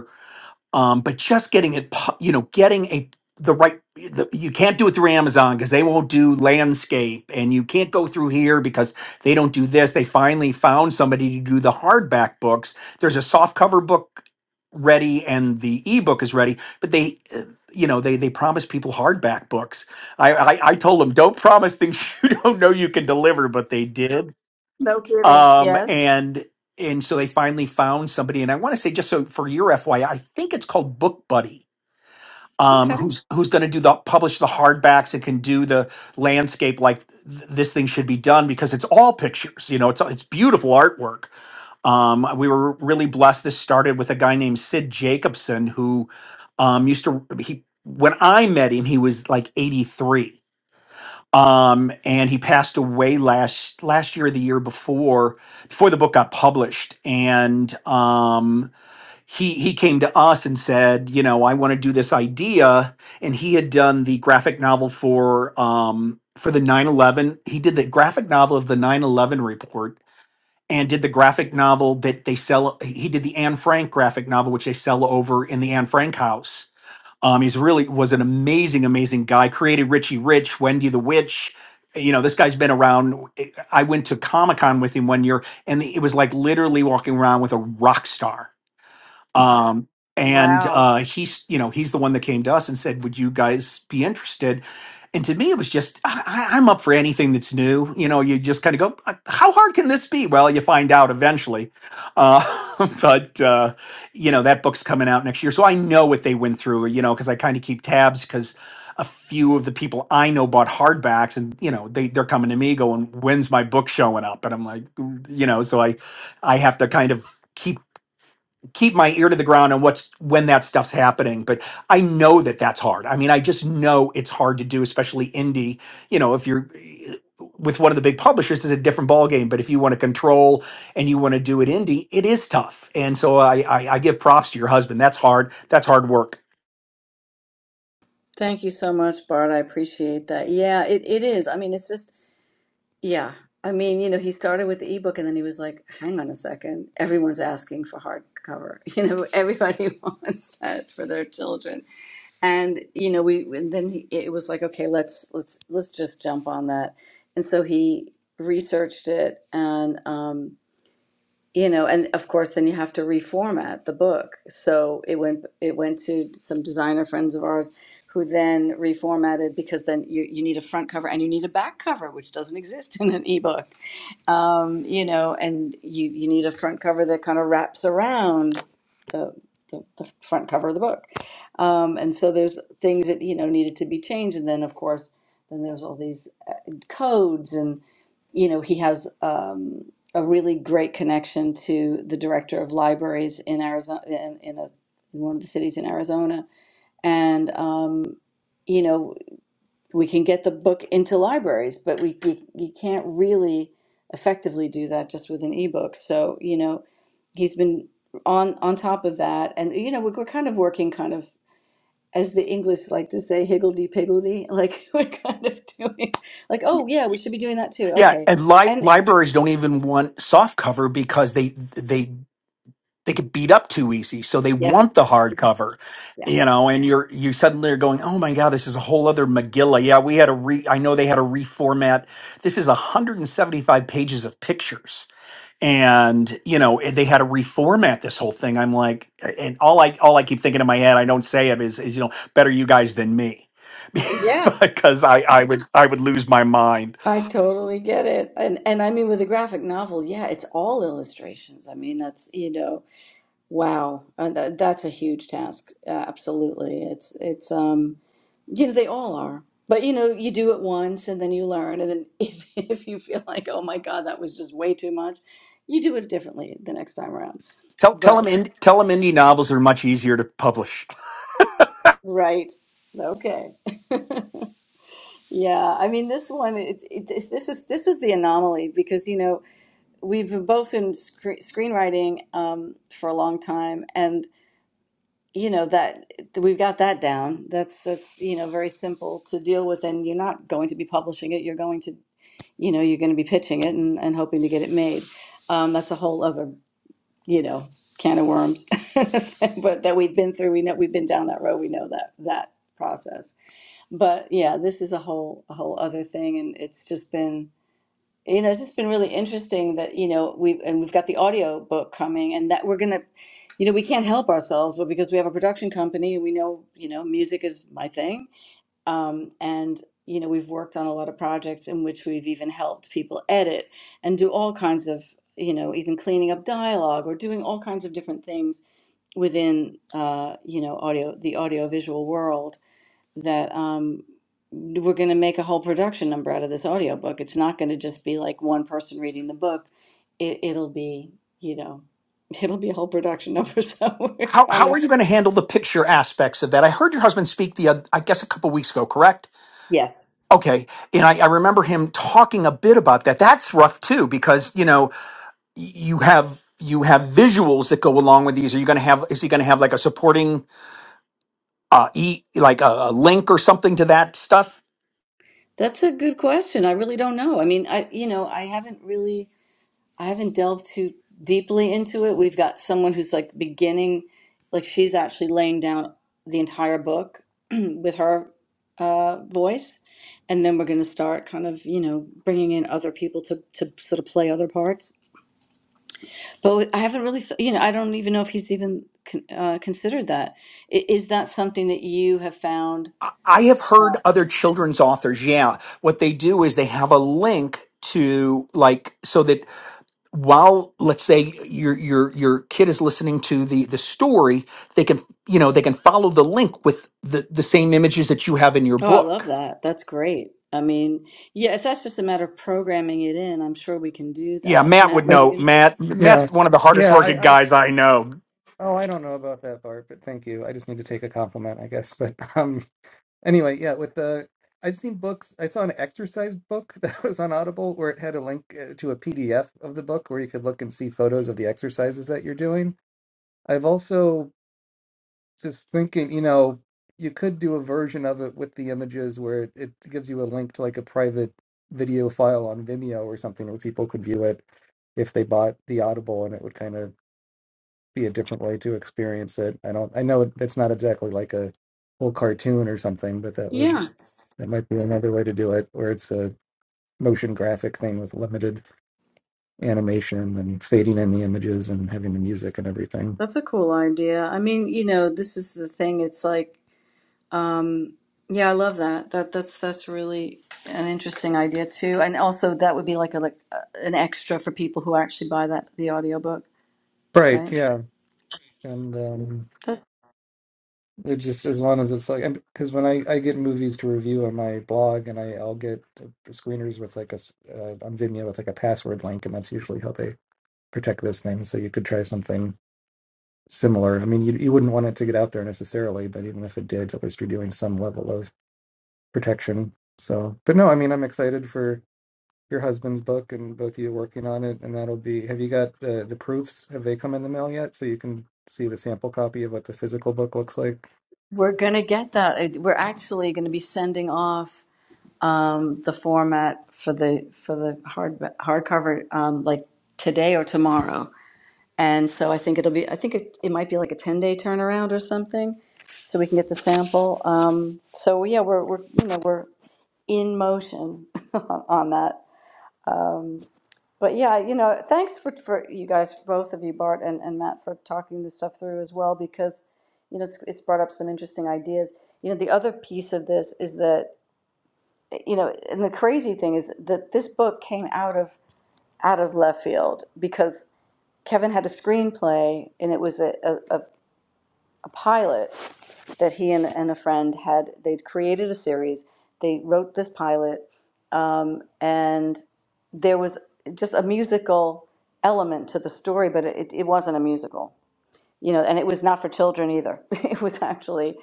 Speaker 11: um, but just getting it pu- you know getting a the right the, you can't do it through amazon because they won't do landscape and you can't go through here because they don't do this they finally found somebody to do the hardback books there's a soft cover book ready and the ebook is ready but they uh, you know they they promise people hardback books i i, I told them don't promise things <laughs> you don't know you can deliver but they did
Speaker 1: No kidding.
Speaker 11: um,
Speaker 1: Yes.
Speaker 11: and and so they finally found somebody, and I want to say just so for your FYI, I I think it's called Book Buddy. Um,
Speaker 1: Okay.
Speaker 11: who's who's going to do the publish the hardbacks and can do the landscape like th- this thing should be done because it's all pictures you know it's it's beautiful artwork um, we were really blessed this started with a guy named Sid Jacobson who um, used to he when I met him he was like 83 um, and he passed away last last year or the year before before the book got published and um, he he came to us and said you know i want to do this idea and he had done the graphic novel for um, for the 9-11 he did the graphic novel of the 9-11 report and did the graphic novel that they sell he did the anne frank graphic novel which they sell over in the anne frank house um, he's really was an amazing, amazing guy. Created Richie Rich, Wendy the Witch. You know, this guy's been around. I went to Comic Con with him one year, and it was like literally walking around with a rock star um, and
Speaker 1: Wow.
Speaker 11: uh, he's you know he's the one that came to us and said would you guys be interested and to me it was just I, I- i'm up for anything that's new you know you just kind of go "Uh, how hard can this be well you find out eventually uh, <laughs> but uh, you know that book's coming out next year so i know what they went through you know because i kind of keep tabs because a few of the people I know bought hardbacks, and you know they they're coming to me going, "When's my book showing up?" And I'm like, "Mm," you know, so I I have to kind of keep keep my ear to the ground on what's when that stuff's happening but i know that that's hard i mean i just know it's hard to do especially indie you know if you're eh, with one of the big publishers is a different ballgame but if you want to control and you want to do it indie it is tough and so I, I i give props to your husband that's hard that's hard work
Speaker 1: Thank you so much, Bart. I appreciate that. Yeah, it, it is. I mean, it's just yeah. I mean, you know, he started with the ebook and then he was like, hang on a second, everyone's asking for hardcover. <laughs> You know, everybody <laughs> wants that for their children. And, you know, we and then he, it was like, okay, let's let's let's just jump on that. And so he researched it and um you know and of course then you have to reformat the book so it went it went to some designer friends of ours who then reformatted because then you, you need a front cover and you need a back cover which doesn't exist <laughs> in an ebook um, you know and you, you need a front cover that kind of wraps around the, the, the front cover of the book um, and so there's things that you know needed to be changed and then of course then there's all these uh, codes and you know he has um, a really great connection to the director of libraries in Arizona, in, in, a, in one of the cities in Arizona. And, um, you know, we can get the book into libraries, but we, you, you can't really effectively do that just with an ebook. So, you know, he's been on on top of that. And, you know, we're, we're kind of working kind of, as the English like to say, higgledy piggledy, <laughs> like we're kind of doing like, oh, yeah, we should be doing that too.
Speaker 11: yeah
Speaker 1: Okay.
Speaker 11: and li-
Speaker 1: And
Speaker 11: libraries don't even want soft cover because they they they get beat up too easy. So they
Speaker 1: yeah,
Speaker 11: want the hardcover, you know, and you're, you suddenly are going, oh my God, this is a whole other Megillah. Yeah, we had a re, I know they had a reformat. This is 175 pages of pictures. And, you know, and they had to reformat this whole thing. I'm like, and all I, all I keep thinking in my head, I don't say it is, is, you know, better you guys than me. <laughs>
Speaker 1: yeah.
Speaker 11: because I, I would, I would lose my mind.
Speaker 1: I totally get it. And and I mean with a graphic novel, yeah, it's all illustrations. I mean, that's, you know, wow. Uh, that, that's a huge task. Uh, absolutely. It's it's um you know, they all are. But you know, you do it once and then you learn and then <laughs> if if you feel like, "Oh my God, that was just way too much," you do it differently the next time around.
Speaker 11: Tell, tell them,
Speaker 1: But
Speaker 11: in, tell them indie novels are much easier to publish.
Speaker 1: right. Okay. Yeah, I mean this one it, it this this is this was the anomaly because you know we've both been scre- screenwriting um, for a long time, and you know that we've got that down. That's that's you know very simple to deal with, and you're not going to be publishing it. You're going to you know you're going to be pitching it and, and hoping to get it made. Um, that's a whole other you know can of worms, <laughs> but that we've been through. We know we've been down that road. We know that that process. But yeah, this is a whole a whole other thing, and it's just been you know, it's just been really interesting that, you know, we've and we've got the audio book coming and that we're gonna, you know, we can't help ourselves, but because we have a production company we know, you know, music is my thing. Um, and you know, we've worked on a lot of projects in which we've even helped people edit and do all kinds of, you know, even cleaning up dialogue or doing all kinds of different things within uh, you know, audio the audiovisual world that um, we're going to make a whole production number out of this audiobook. It's not going to just be like one person reading the book. It, it'll be, you know, <laughs> it'll be a whole production number. <laughs> So we're
Speaker 11: how
Speaker 1: kind
Speaker 11: how are
Speaker 1: of,
Speaker 11: you going to handle the picture aspects of that? I heard your husband speak the uh, I guess a couple weeks ago, correct?
Speaker 1: yes,
Speaker 11: Okay, and I, I remember him talking a bit about that. That's rough too because you know y- you have you have visuals that go along with these. Are you going to have is he going to have like a supporting uh e like a, a link or something to that stuff?
Speaker 1: that's a good question. I really don't know. I mean, I, you know, I haven't really. I haven't delved too deeply into it. We've got someone who's like beginning, like she's actually laying down the entire book <clears throat> with her uh, voice. And then we're going to start kind of, you know, bringing in other people to, to sort of play other parts. But I haven't really, th- you know, I don't even know if he's even con- uh, considered that. I- Is that something that you have found?
Speaker 11: I I have heard other children's authors, yeah, what they do is they have a link to like so that while let's say your your your kid is listening to the the story they can you know they can follow the link with the the same images that you have in your
Speaker 1: Oh, I love
Speaker 11: book
Speaker 1: that. That's great. I mean, yeah, if that's just a matter of programming it in, I'm sure we can do
Speaker 11: yeah
Speaker 1: that.
Speaker 11: matt
Speaker 1: Matt,
Speaker 11: would
Speaker 1: were
Speaker 6: I,
Speaker 1: you
Speaker 11: know
Speaker 1: going to?
Speaker 11: matt
Speaker 6: yeah,
Speaker 11: matt's one of the hardest
Speaker 6: yeah.
Speaker 11: working
Speaker 6: I, I
Speaker 11: guys i know
Speaker 6: oh, I don't know about that part, but thank you. I just need to take a compliment, I guess. <laughs> But um. Anyway, yeah, with the I've seen books. I saw an exercise book <laughs> that was on Audible where it had a link uh, to a PDF of the book where you could look and see photos of the exercises that you're doing. I've also just thinking, you know, you could do a version of it with the images where it, it gives you a link to like a private video file on Vimeo or something where people could view it if they bought the Audible and it would kind of be a different way to experience it. I don't I know it, it's not exactly like a whole cartoon or something, but that would
Speaker 1: Yeah.
Speaker 6: that might be another way to do it, where it's a motion graphic thing with limited animation and fading in the images and having the music and everything.
Speaker 1: That's a cool idea. I mean, you know, this is the thing. It's like, um, yeah, I love that. That that's that's really an interesting idea too. And also, that would be like a like uh, an extra for people who actually buy that the audiobook,
Speaker 6: Right,
Speaker 1: right?
Speaker 6: yeah. And um,
Speaker 1: That's
Speaker 6: it just as long as it's like, because when I, I get movies to review on my blog, and I I'll get the screeners with like a s- uh, on Vimeo with like a password link, and that's usually how they protect those things. So you could try something similar. I mean, you you wouldn't want it to get out there necessarily, but even if it did, at least you're doing some level of protection. So, but no, I mean, I'm excited for your husband's book and both of you working on it, and that'll be. Have you got the the proofs? Have they come in the mail yet? So you can see the sample copy of what the physical book looks like.
Speaker 1: we're gonna get that. It- We're actually gonna be sending off um, the format for the for the hard hardcover um, like today or tomorrow. And so I think it'll be, I think it, it might be like a 10-day turnaround or something, so we can get the sample. Um, So, yeah, we're, we're, you know, we're in motion <laughs> on on that. Um, But yeah, you know, thanks for, for you guys, both of you, Bart and, and Matt, for talking this stuff through as well, because, you know, it's, it's brought up some interesting ideas. You know, the other piece of this is that, you know, and the crazy thing is that this book came out of, out of left field, because Kevin had a screenplay and it was a, a, a a pilot that he and, and a friend had they'd created a series they wrote this pilot um, and there was just a musical element to the story but it, it wasn't a musical you know and it was not for children either <laughs> it was actually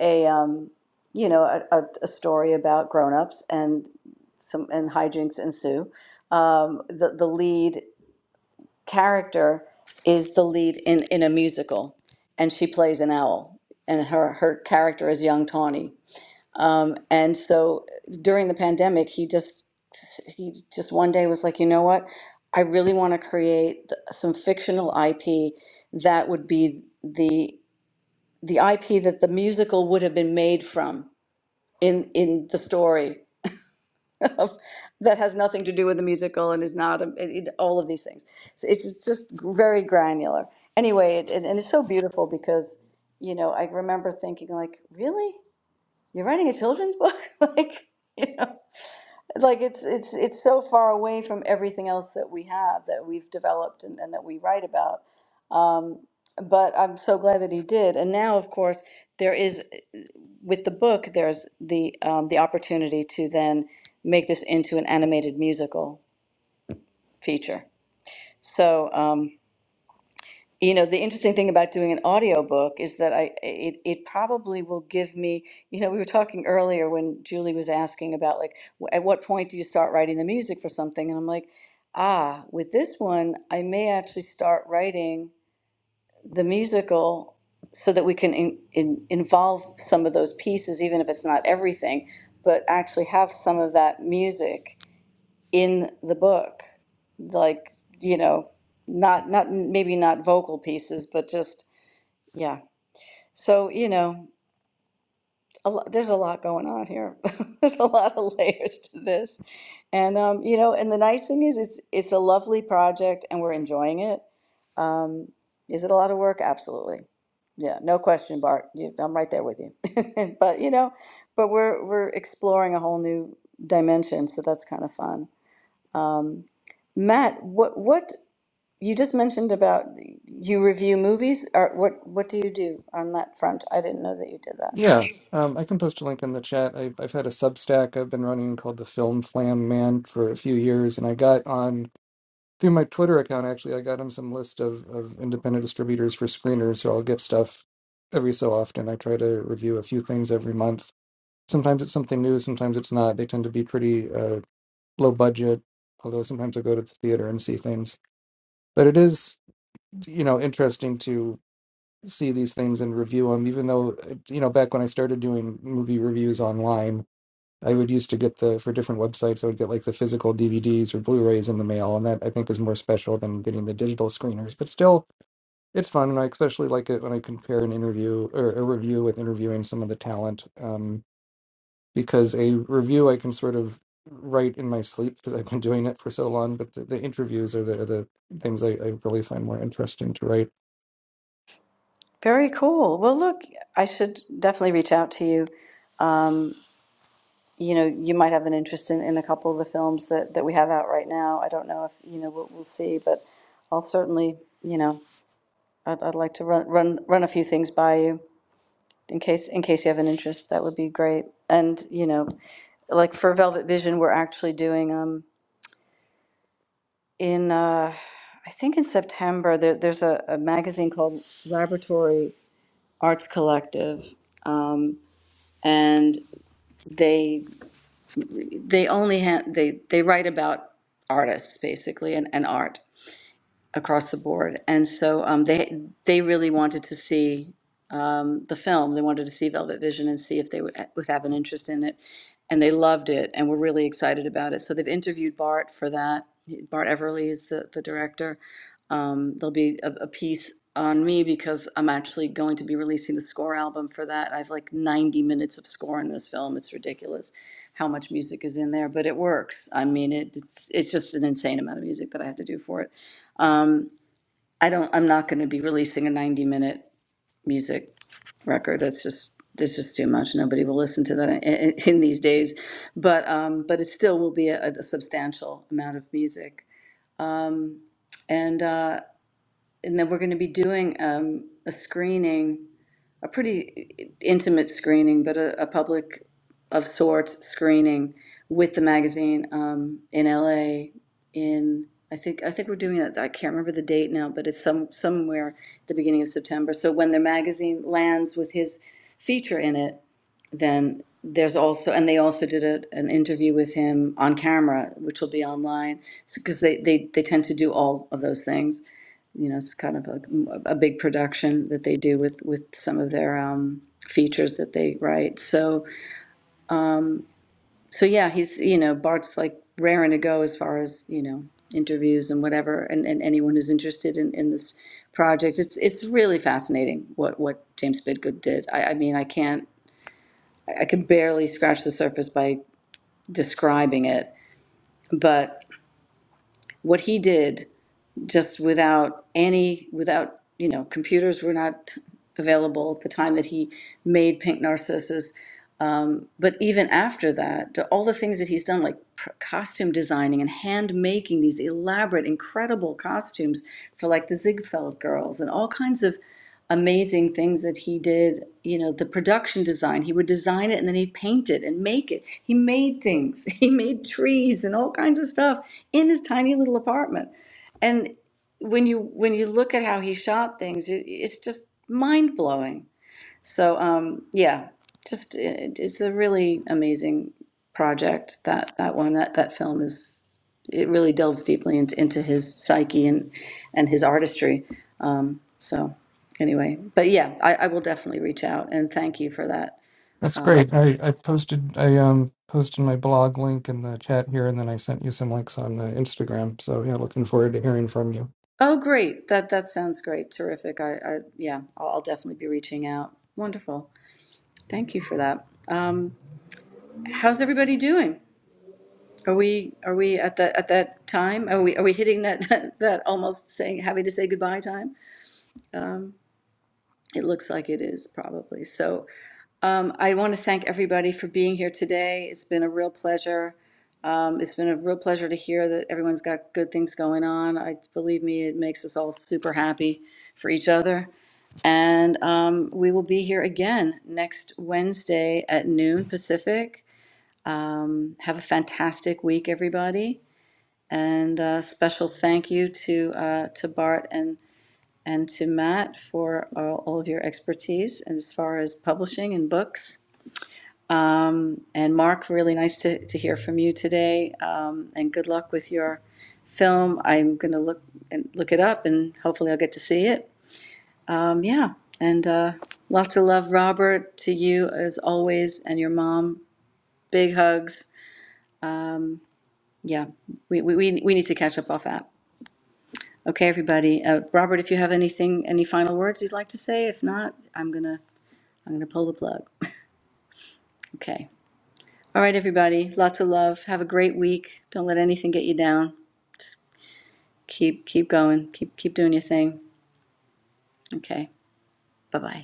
Speaker 1: a um, you know a, a, a story about grown-ups and some and hijinks ensue um, the, the lead character is the lead in, in a musical, and she plays an owl, and her, her character is young Tawny. Um, and so during the pandemic, he just he just one day was like, you know what? I really want to create th- some fictional IP that would be the the IP that the musical would have been made from in in the story of, that has nothing to do with the musical and is not a, it, it- all of these things. So it's just just very granular. Anyway, it, and and it's so beautiful because you know I remember thinking like, really, you're writing a children's book? <laughs> like, you know like it's it's it's so far away from everything else that we have that we've developed and, and that we write about um, but i'm so glad that he did and now of course there is with the book there's the um, the opportunity to then make this into an animated musical feature so um, you know, the interesting thing about doing an audiobook is that I it it probably will give me, you know, we were talking earlier when Julie was asking about like w- at what point do you start writing the music for something? And I'm like, ah, with this one, I may actually start writing the musical so that we can in, in, involve some of those pieces, even if it's not everything, but actually have some of that music in the book. Like, you know, not not maybe not vocal pieces, but just yeah. So, you know, a lot, there's a lot going on here. <laughs> There's a lot of <laughs> layers to this. And um, you know, and the nice thing is it's it's a lovely project and we're enjoying it. Um, is it a lot of work? Absolutely. Yeah, no question, Bart. You, I'm right there with you. <laughs> But you know, but we're we're exploring a whole new dimension, so that's kind of fun. Um, Matt, what what you just mentioned about you review movies, or what what do you do on that front? I didn't know that you did that.
Speaker 6: Yeah, um, I can post a link in the chat. I, have I've had a Substack I've been running called the Film Flam Man for a few years, and I got on through my Twitter account. Actually, I got him some list of of independent distributors for screeners, so I'll get stuff every so often. I try to review a few things every month. Sometimes it's something new, sometimes it's not. They tend to be pretty uh, low budget, although sometimes I go to the theater and see things. But it is, you know, interesting to see these things and review them, even though, uh, you know, back when I started doing movie reviews online, I would used to get the, for different websites, I would get like the physical DVDs or Blu rays in the mail. And that I think is more special than getting the digital screeners. But still, it's fun. And I especially like it when I compare an interview or a review with interviewing some of the talent. um, because a review I can sort of write in my sleep because I've been doing it for so long. But the, the interviews are the, are the things I, I really find more interesting to write.
Speaker 1: Very cool. Well, look, I should definitely reach out to you. Um, you know, you might have an interest in, in a couple of the films that, that we have out right now. I don't know if, you know, we'll, we'll see, but I'll certainly, you know, I'd, I'd like to run, run, run a few things by you in case, in case you have an interest. That would be great. And, you know, like for Velvet Vision, we're actually doing, um, in, uh, I think in September, there, there's a, a magazine called Laboratory Arts Collective. Um, they they only have they they write about artists basically and, and art across the board. And so um, they they really wanted to see um, the film. They wanted to see Velvet Vision and see if they would, would have an interest in it. And they loved it and were really excited about it. So they've interviewed Bart for that. Bart Everly is the, the director. Um, there'll be a, a piece on me because I'm actually going to be releasing the score album for that. I have like 90 minutes of score in this film. It's ridiculous how much music is in there, but it works. I mean, it, it's it's just an insane amount of music that I had to do for it. Um, I don't. I'm not going to be releasing a 90 minute music record. That's just it's just too much. Nobody will listen to that in, in, in these days. But um, but it still will be a, a substantial amount of music. Um, and uh, and then we're going to be doing um, a screening, a pretty intimate screening, but a, a public of sorts screening with the magazine um, in LA. In I think I think we're doing that. I can't remember the date now, but it's some somewhere at the beginning of September. So when the magazine lands with his feature in it, then there's also and they also did a, an interview with him on camera which will be online because they, they they tend to do all of those things you know, it's kind of a, a big production that they do with with some of their um, features that they write. So so yeah, he's you know Bart's like raring to go as far as you know interviews and whatever, and, and anyone who's interested in, in this project. It's it's really fascinating what what James Bidgood did. I, I mean, I can't I I can barely scratch the surface by describing it, but what he did just without any without you know computers were not available at the time that he made pink narcissus um, but even after that to all the things that he's done like pr- costume designing and hand making these elaborate incredible costumes for like the ziegfeld girls and all kinds of amazing things that he did you know the production design he would design it and then he'd paint it and make it he made things <laughs> he made trees and all kinds of stuff in his tiny little apartment when you when you look at how he shot things, it, it's just mind blowing. So um, yeah, just it, it's a really amazing project. That that one that that film is it really delves deeply into, into his psyche and and his artistry. Um, so anyway, but yeah, I, I will definitely reach out and thank you for that.
Speaker 6: That's great. I, I posted I um posted my blog link in the chat here, and then I sent you some links on uh, Instagram. So yeah, looking forward to hearing from you.
Speaker 1: Oh, great! That that sounds great, terrific. I, I yeah, I'll, I'll definitely be reaching out. Wonderful. Thank you for that. Um, how's everybody doing? Are we, are we at that, at that time? Are we, are we hitting that, <laughs> that, that almost saying, having to say goodbye time? It looks like it is probably. So um, I want to thank everybody for being here today. It's been a real pleasure. Um, it's been a real pleasure to hear that everyone's got good things going on. I believe me, it makes us all super happy for each other. And um, we will be here again next Wednesday at noon Pacific. Um, have a fantastic week, everybody. And uh, special thank you to uh, to Bart and and to Matt for uh, all of your expertise as far as publishing and books. And Mark, really nice to, to hear from you today. Um, and good luck with your film. I'm going to look and look it up, and hopefully I'll get to see it. Um, yeah, and uh, lots of love, Robert, to you as always, and your mom. Big hugs. Yeah, we we, we, we need to catch up off app. Okay, everybody. Uh, Robert, if you have anything, any final words you'd like to say, if not, I'm gonna, I'm gonna pull the plug. <laughs> Okay. All right, everybody. Lots of love. Have a great week. Don't let anything get you down. Just keep, keep going. Keep, keep doing your thing. Okay. Bye bye.